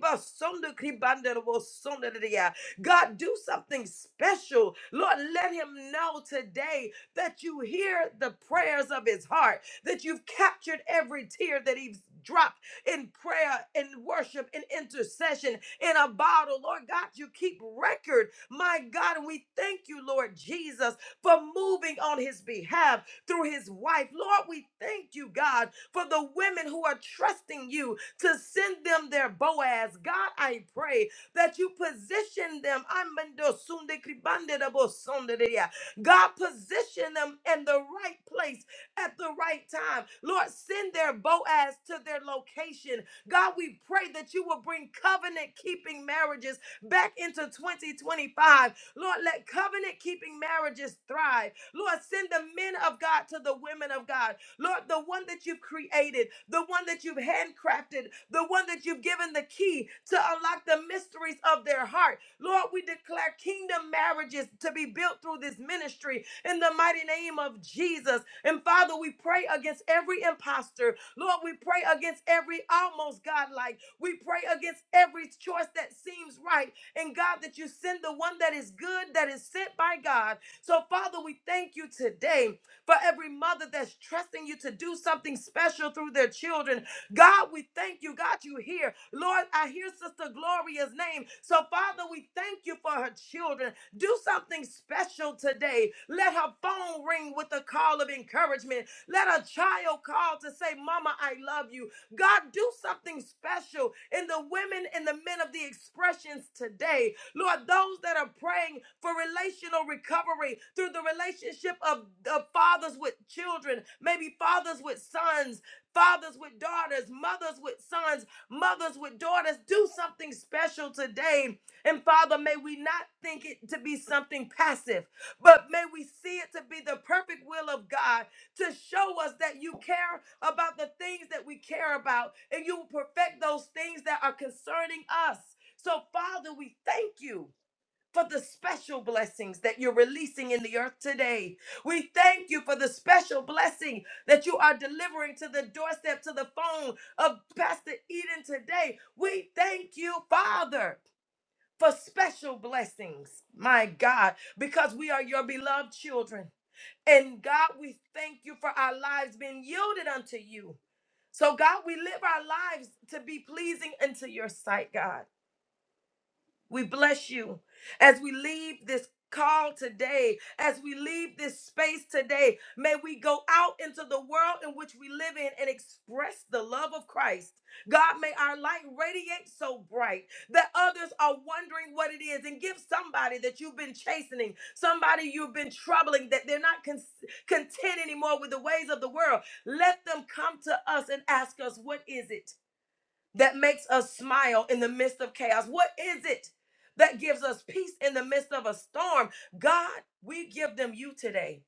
Speaker 6: God, do something special. Lord, let him know today that you hear the prayers of his heart, that you've captured every tear that he's dropped in prayer, in worship, in intercession, in a bottle. Lord God, you keep record. My God, and we thank you, Lord Jesus, for moving on his behalf through his wife. Lord, we thank you, God, for the women who are trusting you to send them their Boaz. God, I pray that you position them. Amando sunde kribande da bo sonde de ya. God, position them in the right place at the right time. Lord, send their Boaz to their location. God, we pray that you will bring covenant keeping marriages back into 2025. Lord, let covenant keeping marriages thrive. Lord, send the men of God to the women of God. Lord, the one that you've created, the one that you've handcrafted, the one that you've given the key to unlock the mysteries of their heart. Lord, we declare kingdom marriages to be built through this ministry in the mighty name of Jesus. And Father, we pray against every imposter. Lord, we pray against every almost godlike. We pray against every choice that seems right. And God, that you send the one that is good, that is sent by God so, Father, we thank you today for every mother that's trusting you to do something special through their children. God, we thank you. God, you hear. Lord, I hear Sister Gloria's name. So, Father, we thank you for her children. Do something special today. Let her phone ring with a call of encouragement. Let a child call to say, Mama, I love you. God, do something special in the women and the men of the expressions today. Lord, those that are praying for relational recovery through the relationship of, of fathers with children, maybe fathers with sons, fathers with daughters, mothers with sons, mothers with daughters, do something special today. And Father, may we not think it to be something passive, but may we see it to be the perfect will of God to show us that you care about the things that we care about and you will perfect those things that are concerning us. So, Father, we thank you. For the special blessings that you're releasing in the earth today. We thank you for the special blessing that you are delivering to the doorstep, to the phone of Pastor Eden today. We thank you, Father, for special blessings, my God, because we are your beloved children. And God, we thank you for our lives being yielded unto you. So, God, we live our lives to be pleasing unto your sight, God. We bless you as we leave this call today, as we leave this space today. May we go out into the world in which we live in and express the love of Christ. God, may our light radiate so bright that others are wondering what it is and give somebody that you've been chastening, somebody you've been troubling, that they're not con- content anymore with the ways of the world. Let them come to us and ask us, What is it? that makes us smile in the midst of chaos? What is it that gives us peace in the midst of a storm? God, we give them you today.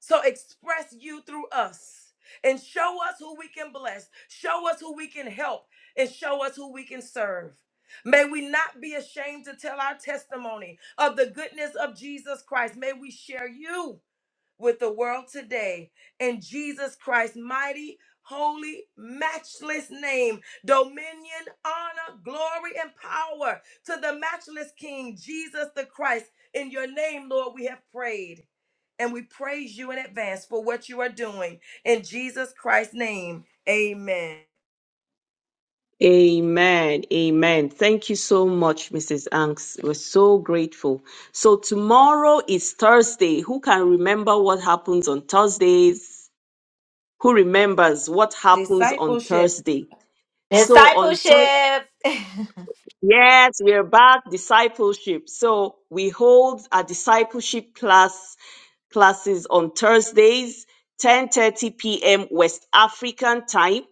Speaker 6: So express you through us and show us who we can bless, show us who we can help, and show us who we can serve. May we not be ashamed to tell our testimony of the goodness of Jesus Christ. May we share you with the world today. In Jesus Christ's mighty, holy, matchless name, dominion, honor, glory, and power to the matchless King, Jesus the Christ. In your name, Lord, we have prayed. And we praise you in advance for what you are doing. In Jesus Christ's name, amen.
Speaker 2: Amen. Amen. Thank you so much, Mrs. Anks. We're so grateful. So tomorrow is Thursday. Who can remember what happens on Thursdays? Who remembers what happens on
Speaker 6: Discipleship.
Speaker 2: Thursday? So on Thursday,
Speaker 4: Discipleship.
Speaker 2: yes, we're back discipleship. So we hold a discipleship class classes on Thursdays, 10:30 p.m. West African time.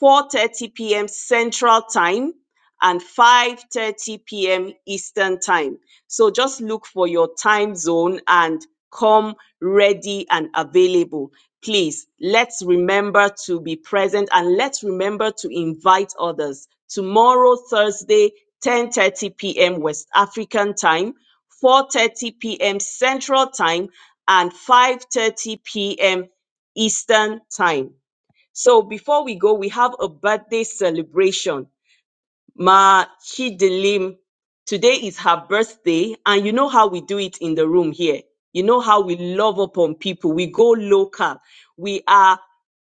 Speaker 2: 4:30 p.m. Central Time and 5:30 p.m. Eastern Time. So just look for your time zone and come ready and available. Please, let's remember to be present and let's remember to invite others. Tomorrow Thursday 10:30 p.m. West African Time, 4:30 p.m. Central Time and 5:30 p.m. Eastern Time so before we go, we have a birthday celebration. Ma Chidilim, today is her birthday, and you know how we do it in the room here. You know how we love upon people. We go local. We are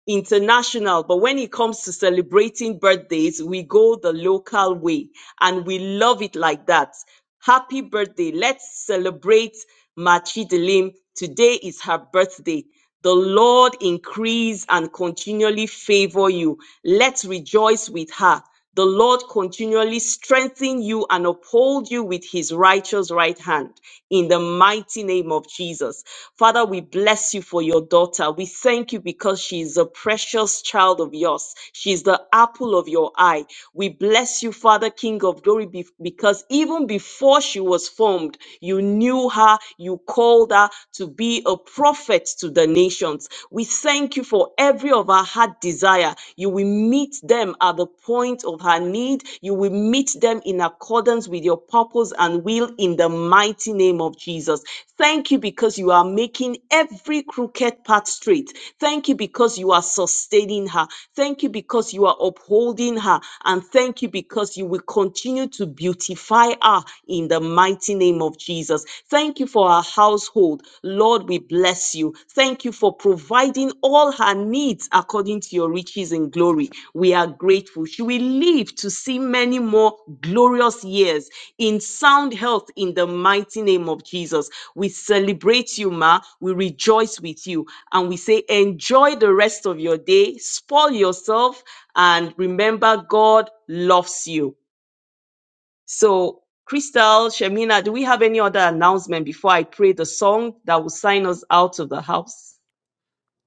Speaker 2: international, but when it comes to celebrating birthdays, we go the local way and we love it like that. Happy birthday. Let's celebrate Ma Machidilim. Today is her birthday. The Lord increase and continually favor you. Let's rejoice with her the Lord continually strengthen you and uphold you with his righteous right hand in the mighty name of Jesus. Father, we bless you for your daughter. We thank you because she is a precious child of yours. She is the apple of your eye. We bless you, Father, King of glory, be- because even before she was formed, you knew her, you called her to be a prophet to the nations. We thank you for every of our her heart desire. You will meet them at the point of her need. You will meet them in accordance with your purpose and will in the mighty name of Jesus. Thank you because you are making every crooked path straight. Thank you because you are sustaining her. Thank you because you are upholding her. And thank you because you will continue to beautify fire in the mighty name of Jesus. Thank you for our household. Lord, we bless you. Thank you for providing all her needs according to your riches and glory. We are grateful. She will live to see many more glorious years in sound health in the mighty name of Jesus. We celebrate you, Ma. We rejoice with you. And we say, enjoy the rest of your day, spoil yourself, and remember God loves you. So, Crystal, Shemina, do we have any other announcement before I play the song that will sign us out of the house?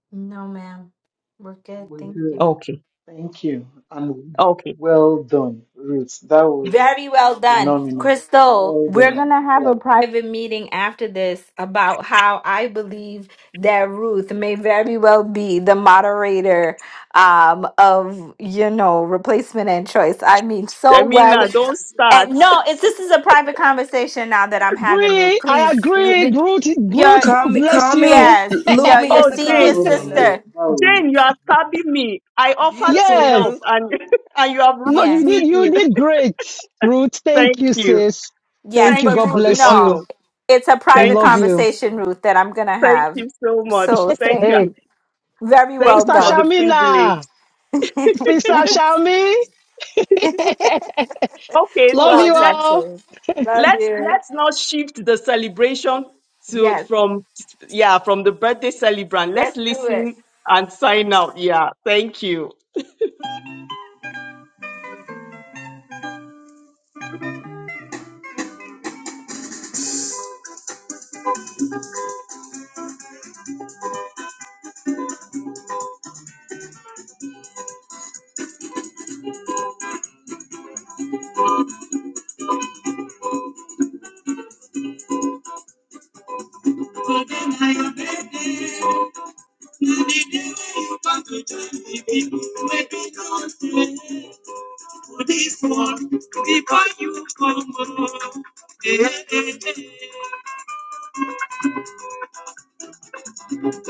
Speaker 4: No, ma'am. We're good.
Speaker 1: We're
Speaker 4: Thank you.
Speaker 1: good.
Speaker 2: Okay.
Speaker 1: Thank you, and
Speaker 2: Okay.
Speaker 1: well done, Ruth. That was
Speaker 4: Very well done.
Speaker 1: phenomenal.
Speaker 4: Crystal,
Speaker 1: Well
Speaker 4: we're going
Speaker 1: done.
Speaker 4: to have
Speaker 1: Yeah.
Speaker 4: a private meeting after this about how I believe that Ruth may very well be the moderator um, of, you know, replacement and choice. I mean, so well.
Speaker 2: Shemina, don't start.
Speaker 4: And no, it's this is a private conversation now that I'm having, Ruth.
Speaker 7: Bree, I
Speaker 4: Please,
Speaker 7: agree. Groot, Groot,
Speaker 4: your
Speaker 6: Call
Speaker 7: God
Speaker 6: me,
Speaker 7: bless
Speaker 6: call me,
Speaker 7: you.
Speaker 4: yes,
Speaker 6: loop
Speaker 4: your
Speaker 6: me
Speaker 4: your
Speaker 7: I
Speaker 6: in
Speaker 2: Oh,
Speaker 6: the
Speaker 7: thank
Speaker 6: call,
Speaker 7: you,
Speaker 4: senior
Speaker 2: Jane,
Speaker 1: Well done,
Speaker 7: sis.
Speaker 6: Shamina.
Speaker 1: Ruth.
Speaker 4: sister.
Speaker 1: That was.
Speaker 2: Jane, you are stabbing me. I offered
Speaker 6: Beautiful,
Speaker 2: to
Speaker 7: Yes.
Speaker 2: help
Speaker 6: Ruth.
Speaker 2: and, and you have
Speaker 7: No,
Speaker 2: roped
Speaker 7: you
Speaker 4: Yes.
Speaker 7: did,
Speaker 2: me
Speaker 7: you
Speaker 2: in.
Speaker 7: did great, Ruth. Thank
Speaker 2: Thank
Speaker 7: you,
Speaker 2: you.
Speaker 7: sis.
Speaker 4: Yes,
Speaker 7: Thank you.
Speaker 2: Thank you
Speaker 4: but
Speaker 7: God
Speaker 2: for
Speaker 4: Ruth,
Speaker 2: the
Speaker 7: bless
Speaker 4: no,
Speaker 2: honor.
Speaker 7: you.
Speaker 4: it's a
Speaker 7: We
Speaker 4: private
Speaker 2: Thank you.
Speaker 7: love
Speaker 2: so-
Speaker 7: you.
Speaker 4: conversation, Ruth, that I'm gonna
Speaker 2: Thank
Speaker 4: have.
Speaker 2: you so much.
Speaker 4: So
Speaker 7: Hey,
Speaker 2: Thank
Speaker 4: thank
Speaker 2: you.
Speaker 7: hey.
Speaker 4: you. Very
Speaker 2: Thank
Speaker 4: well
Speaker 2: you
Speaker 7: Officer
Speaker 2: for
Speaker 4: done.
Speaker 2: the privilege.
Speaker 7: Shamina. Officer Shami.
Speaker 2: Okay,
Speaker 7: Love
Speaker 2: so
Speaker 4: well
Speaker 7: you
Speaker 4: done,
Speaker 7: all.
Speaker 2: let's
Speaker 4: Terry. Love
Speaker 2: let's
Speaker 4: you.
Speaker 2: let's now shift the celebration to
Speaker 4: Yes,
Speaker 2: from yeah from the birthday celebrant
Speaker 4: yes,
Speaker 2: let's
Speaker 4: do it.
Speaker 2: listen and sign out yeah thank you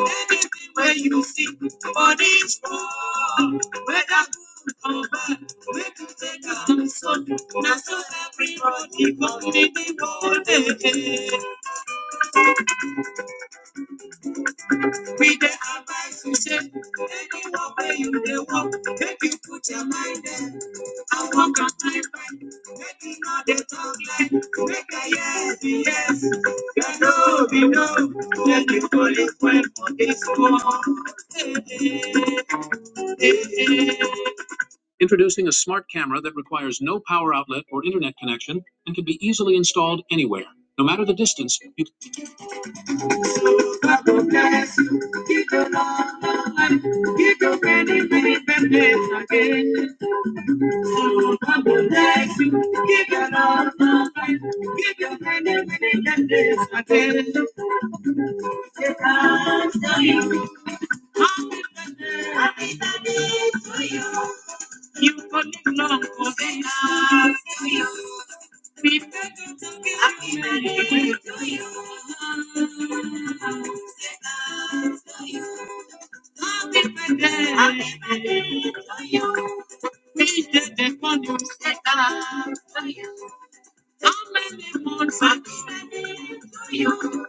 Speaker 2: Anywhere you see bodies fall, whether good or bad, we can take our son. Now so everybody born in the world, eh, eh. We the advice you say, anywhere where you dey walk, make you put your mind there. I walk on my mind, right. make you know they talk like, make a yes, yes, you know, be no, make you only fight for this war. Hey, hey. Introducing a smart camera that requires no power outlet or internet connection and can be easily installed anywhere, no matter the distance. You can... I'll be back there. i you. Wish that they found you set up for you. How many months I'll be you?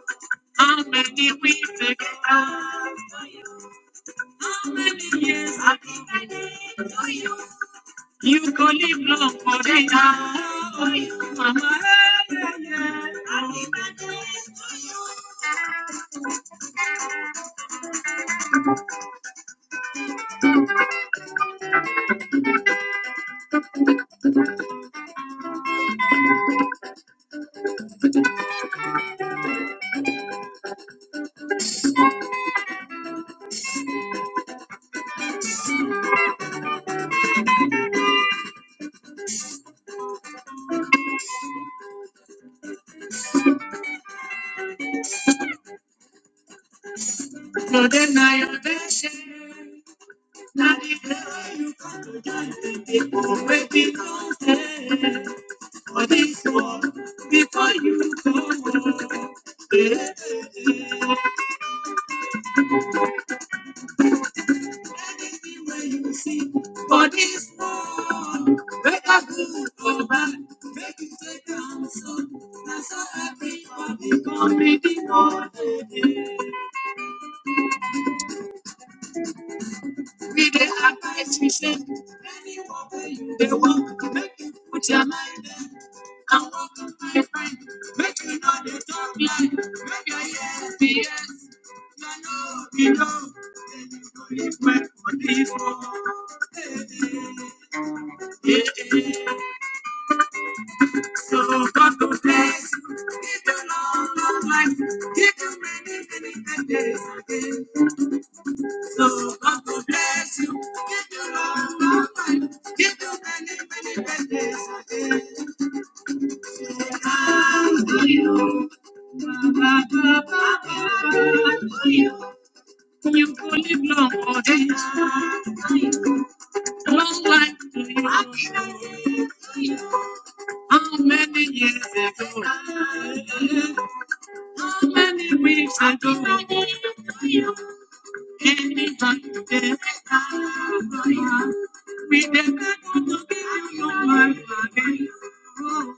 Speaker 2: How many weeks I get up? How many years I'll be you? You go live long for the now for you, Mama. Yeah, yeah. I'll be back there for you. So then I Now that I saw you come, I said before we go there, for this one, before you go, any way you see, for this one, make a good report, make you come so, now so everybody coming for today. With the advice we send, any way you want, to make you put your mind in. I my friend, making all the talk like, Make a yes, yes. I know, you. know, then you go live my body for. Yeah, yeah. So God will bless you, give you long, long life, give you many, many, many days again. So God will bless you, give you long, long life, give you many, many, many days again. To you. You could live long or days, long like how many years ago, how many weeks ago, anytime today, we never going to be your life again. Oh,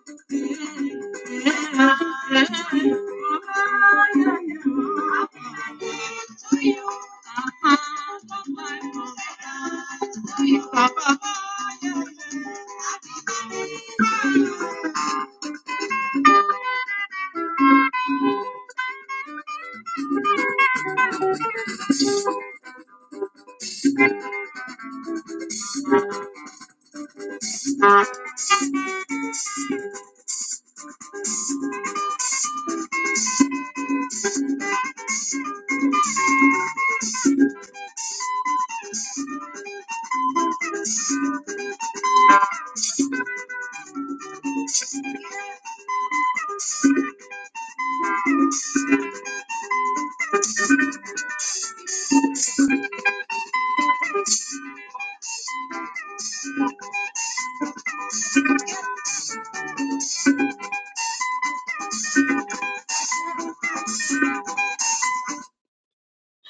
Speaker 2: Yeah, yeah.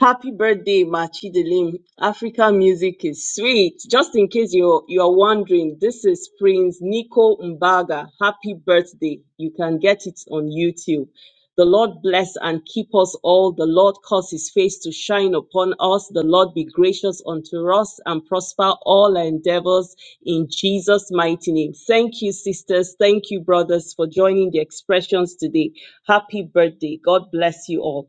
Speaker 2: Happy birthday, Machidilim. African music is sweet. Just in case you're you're wondering, this is Prince Nico Mbaga. Happy birthday. You can get it on YouTube. The Lord bless and keep us all. The Lord cause his face to shine upon us. The Lord be gracious unto us and prosper all our endeavors in Jesus' mighty name. Thank you, sisters. Thank you, brothers, for joining the expressions today. Happy birthday. God bless you all.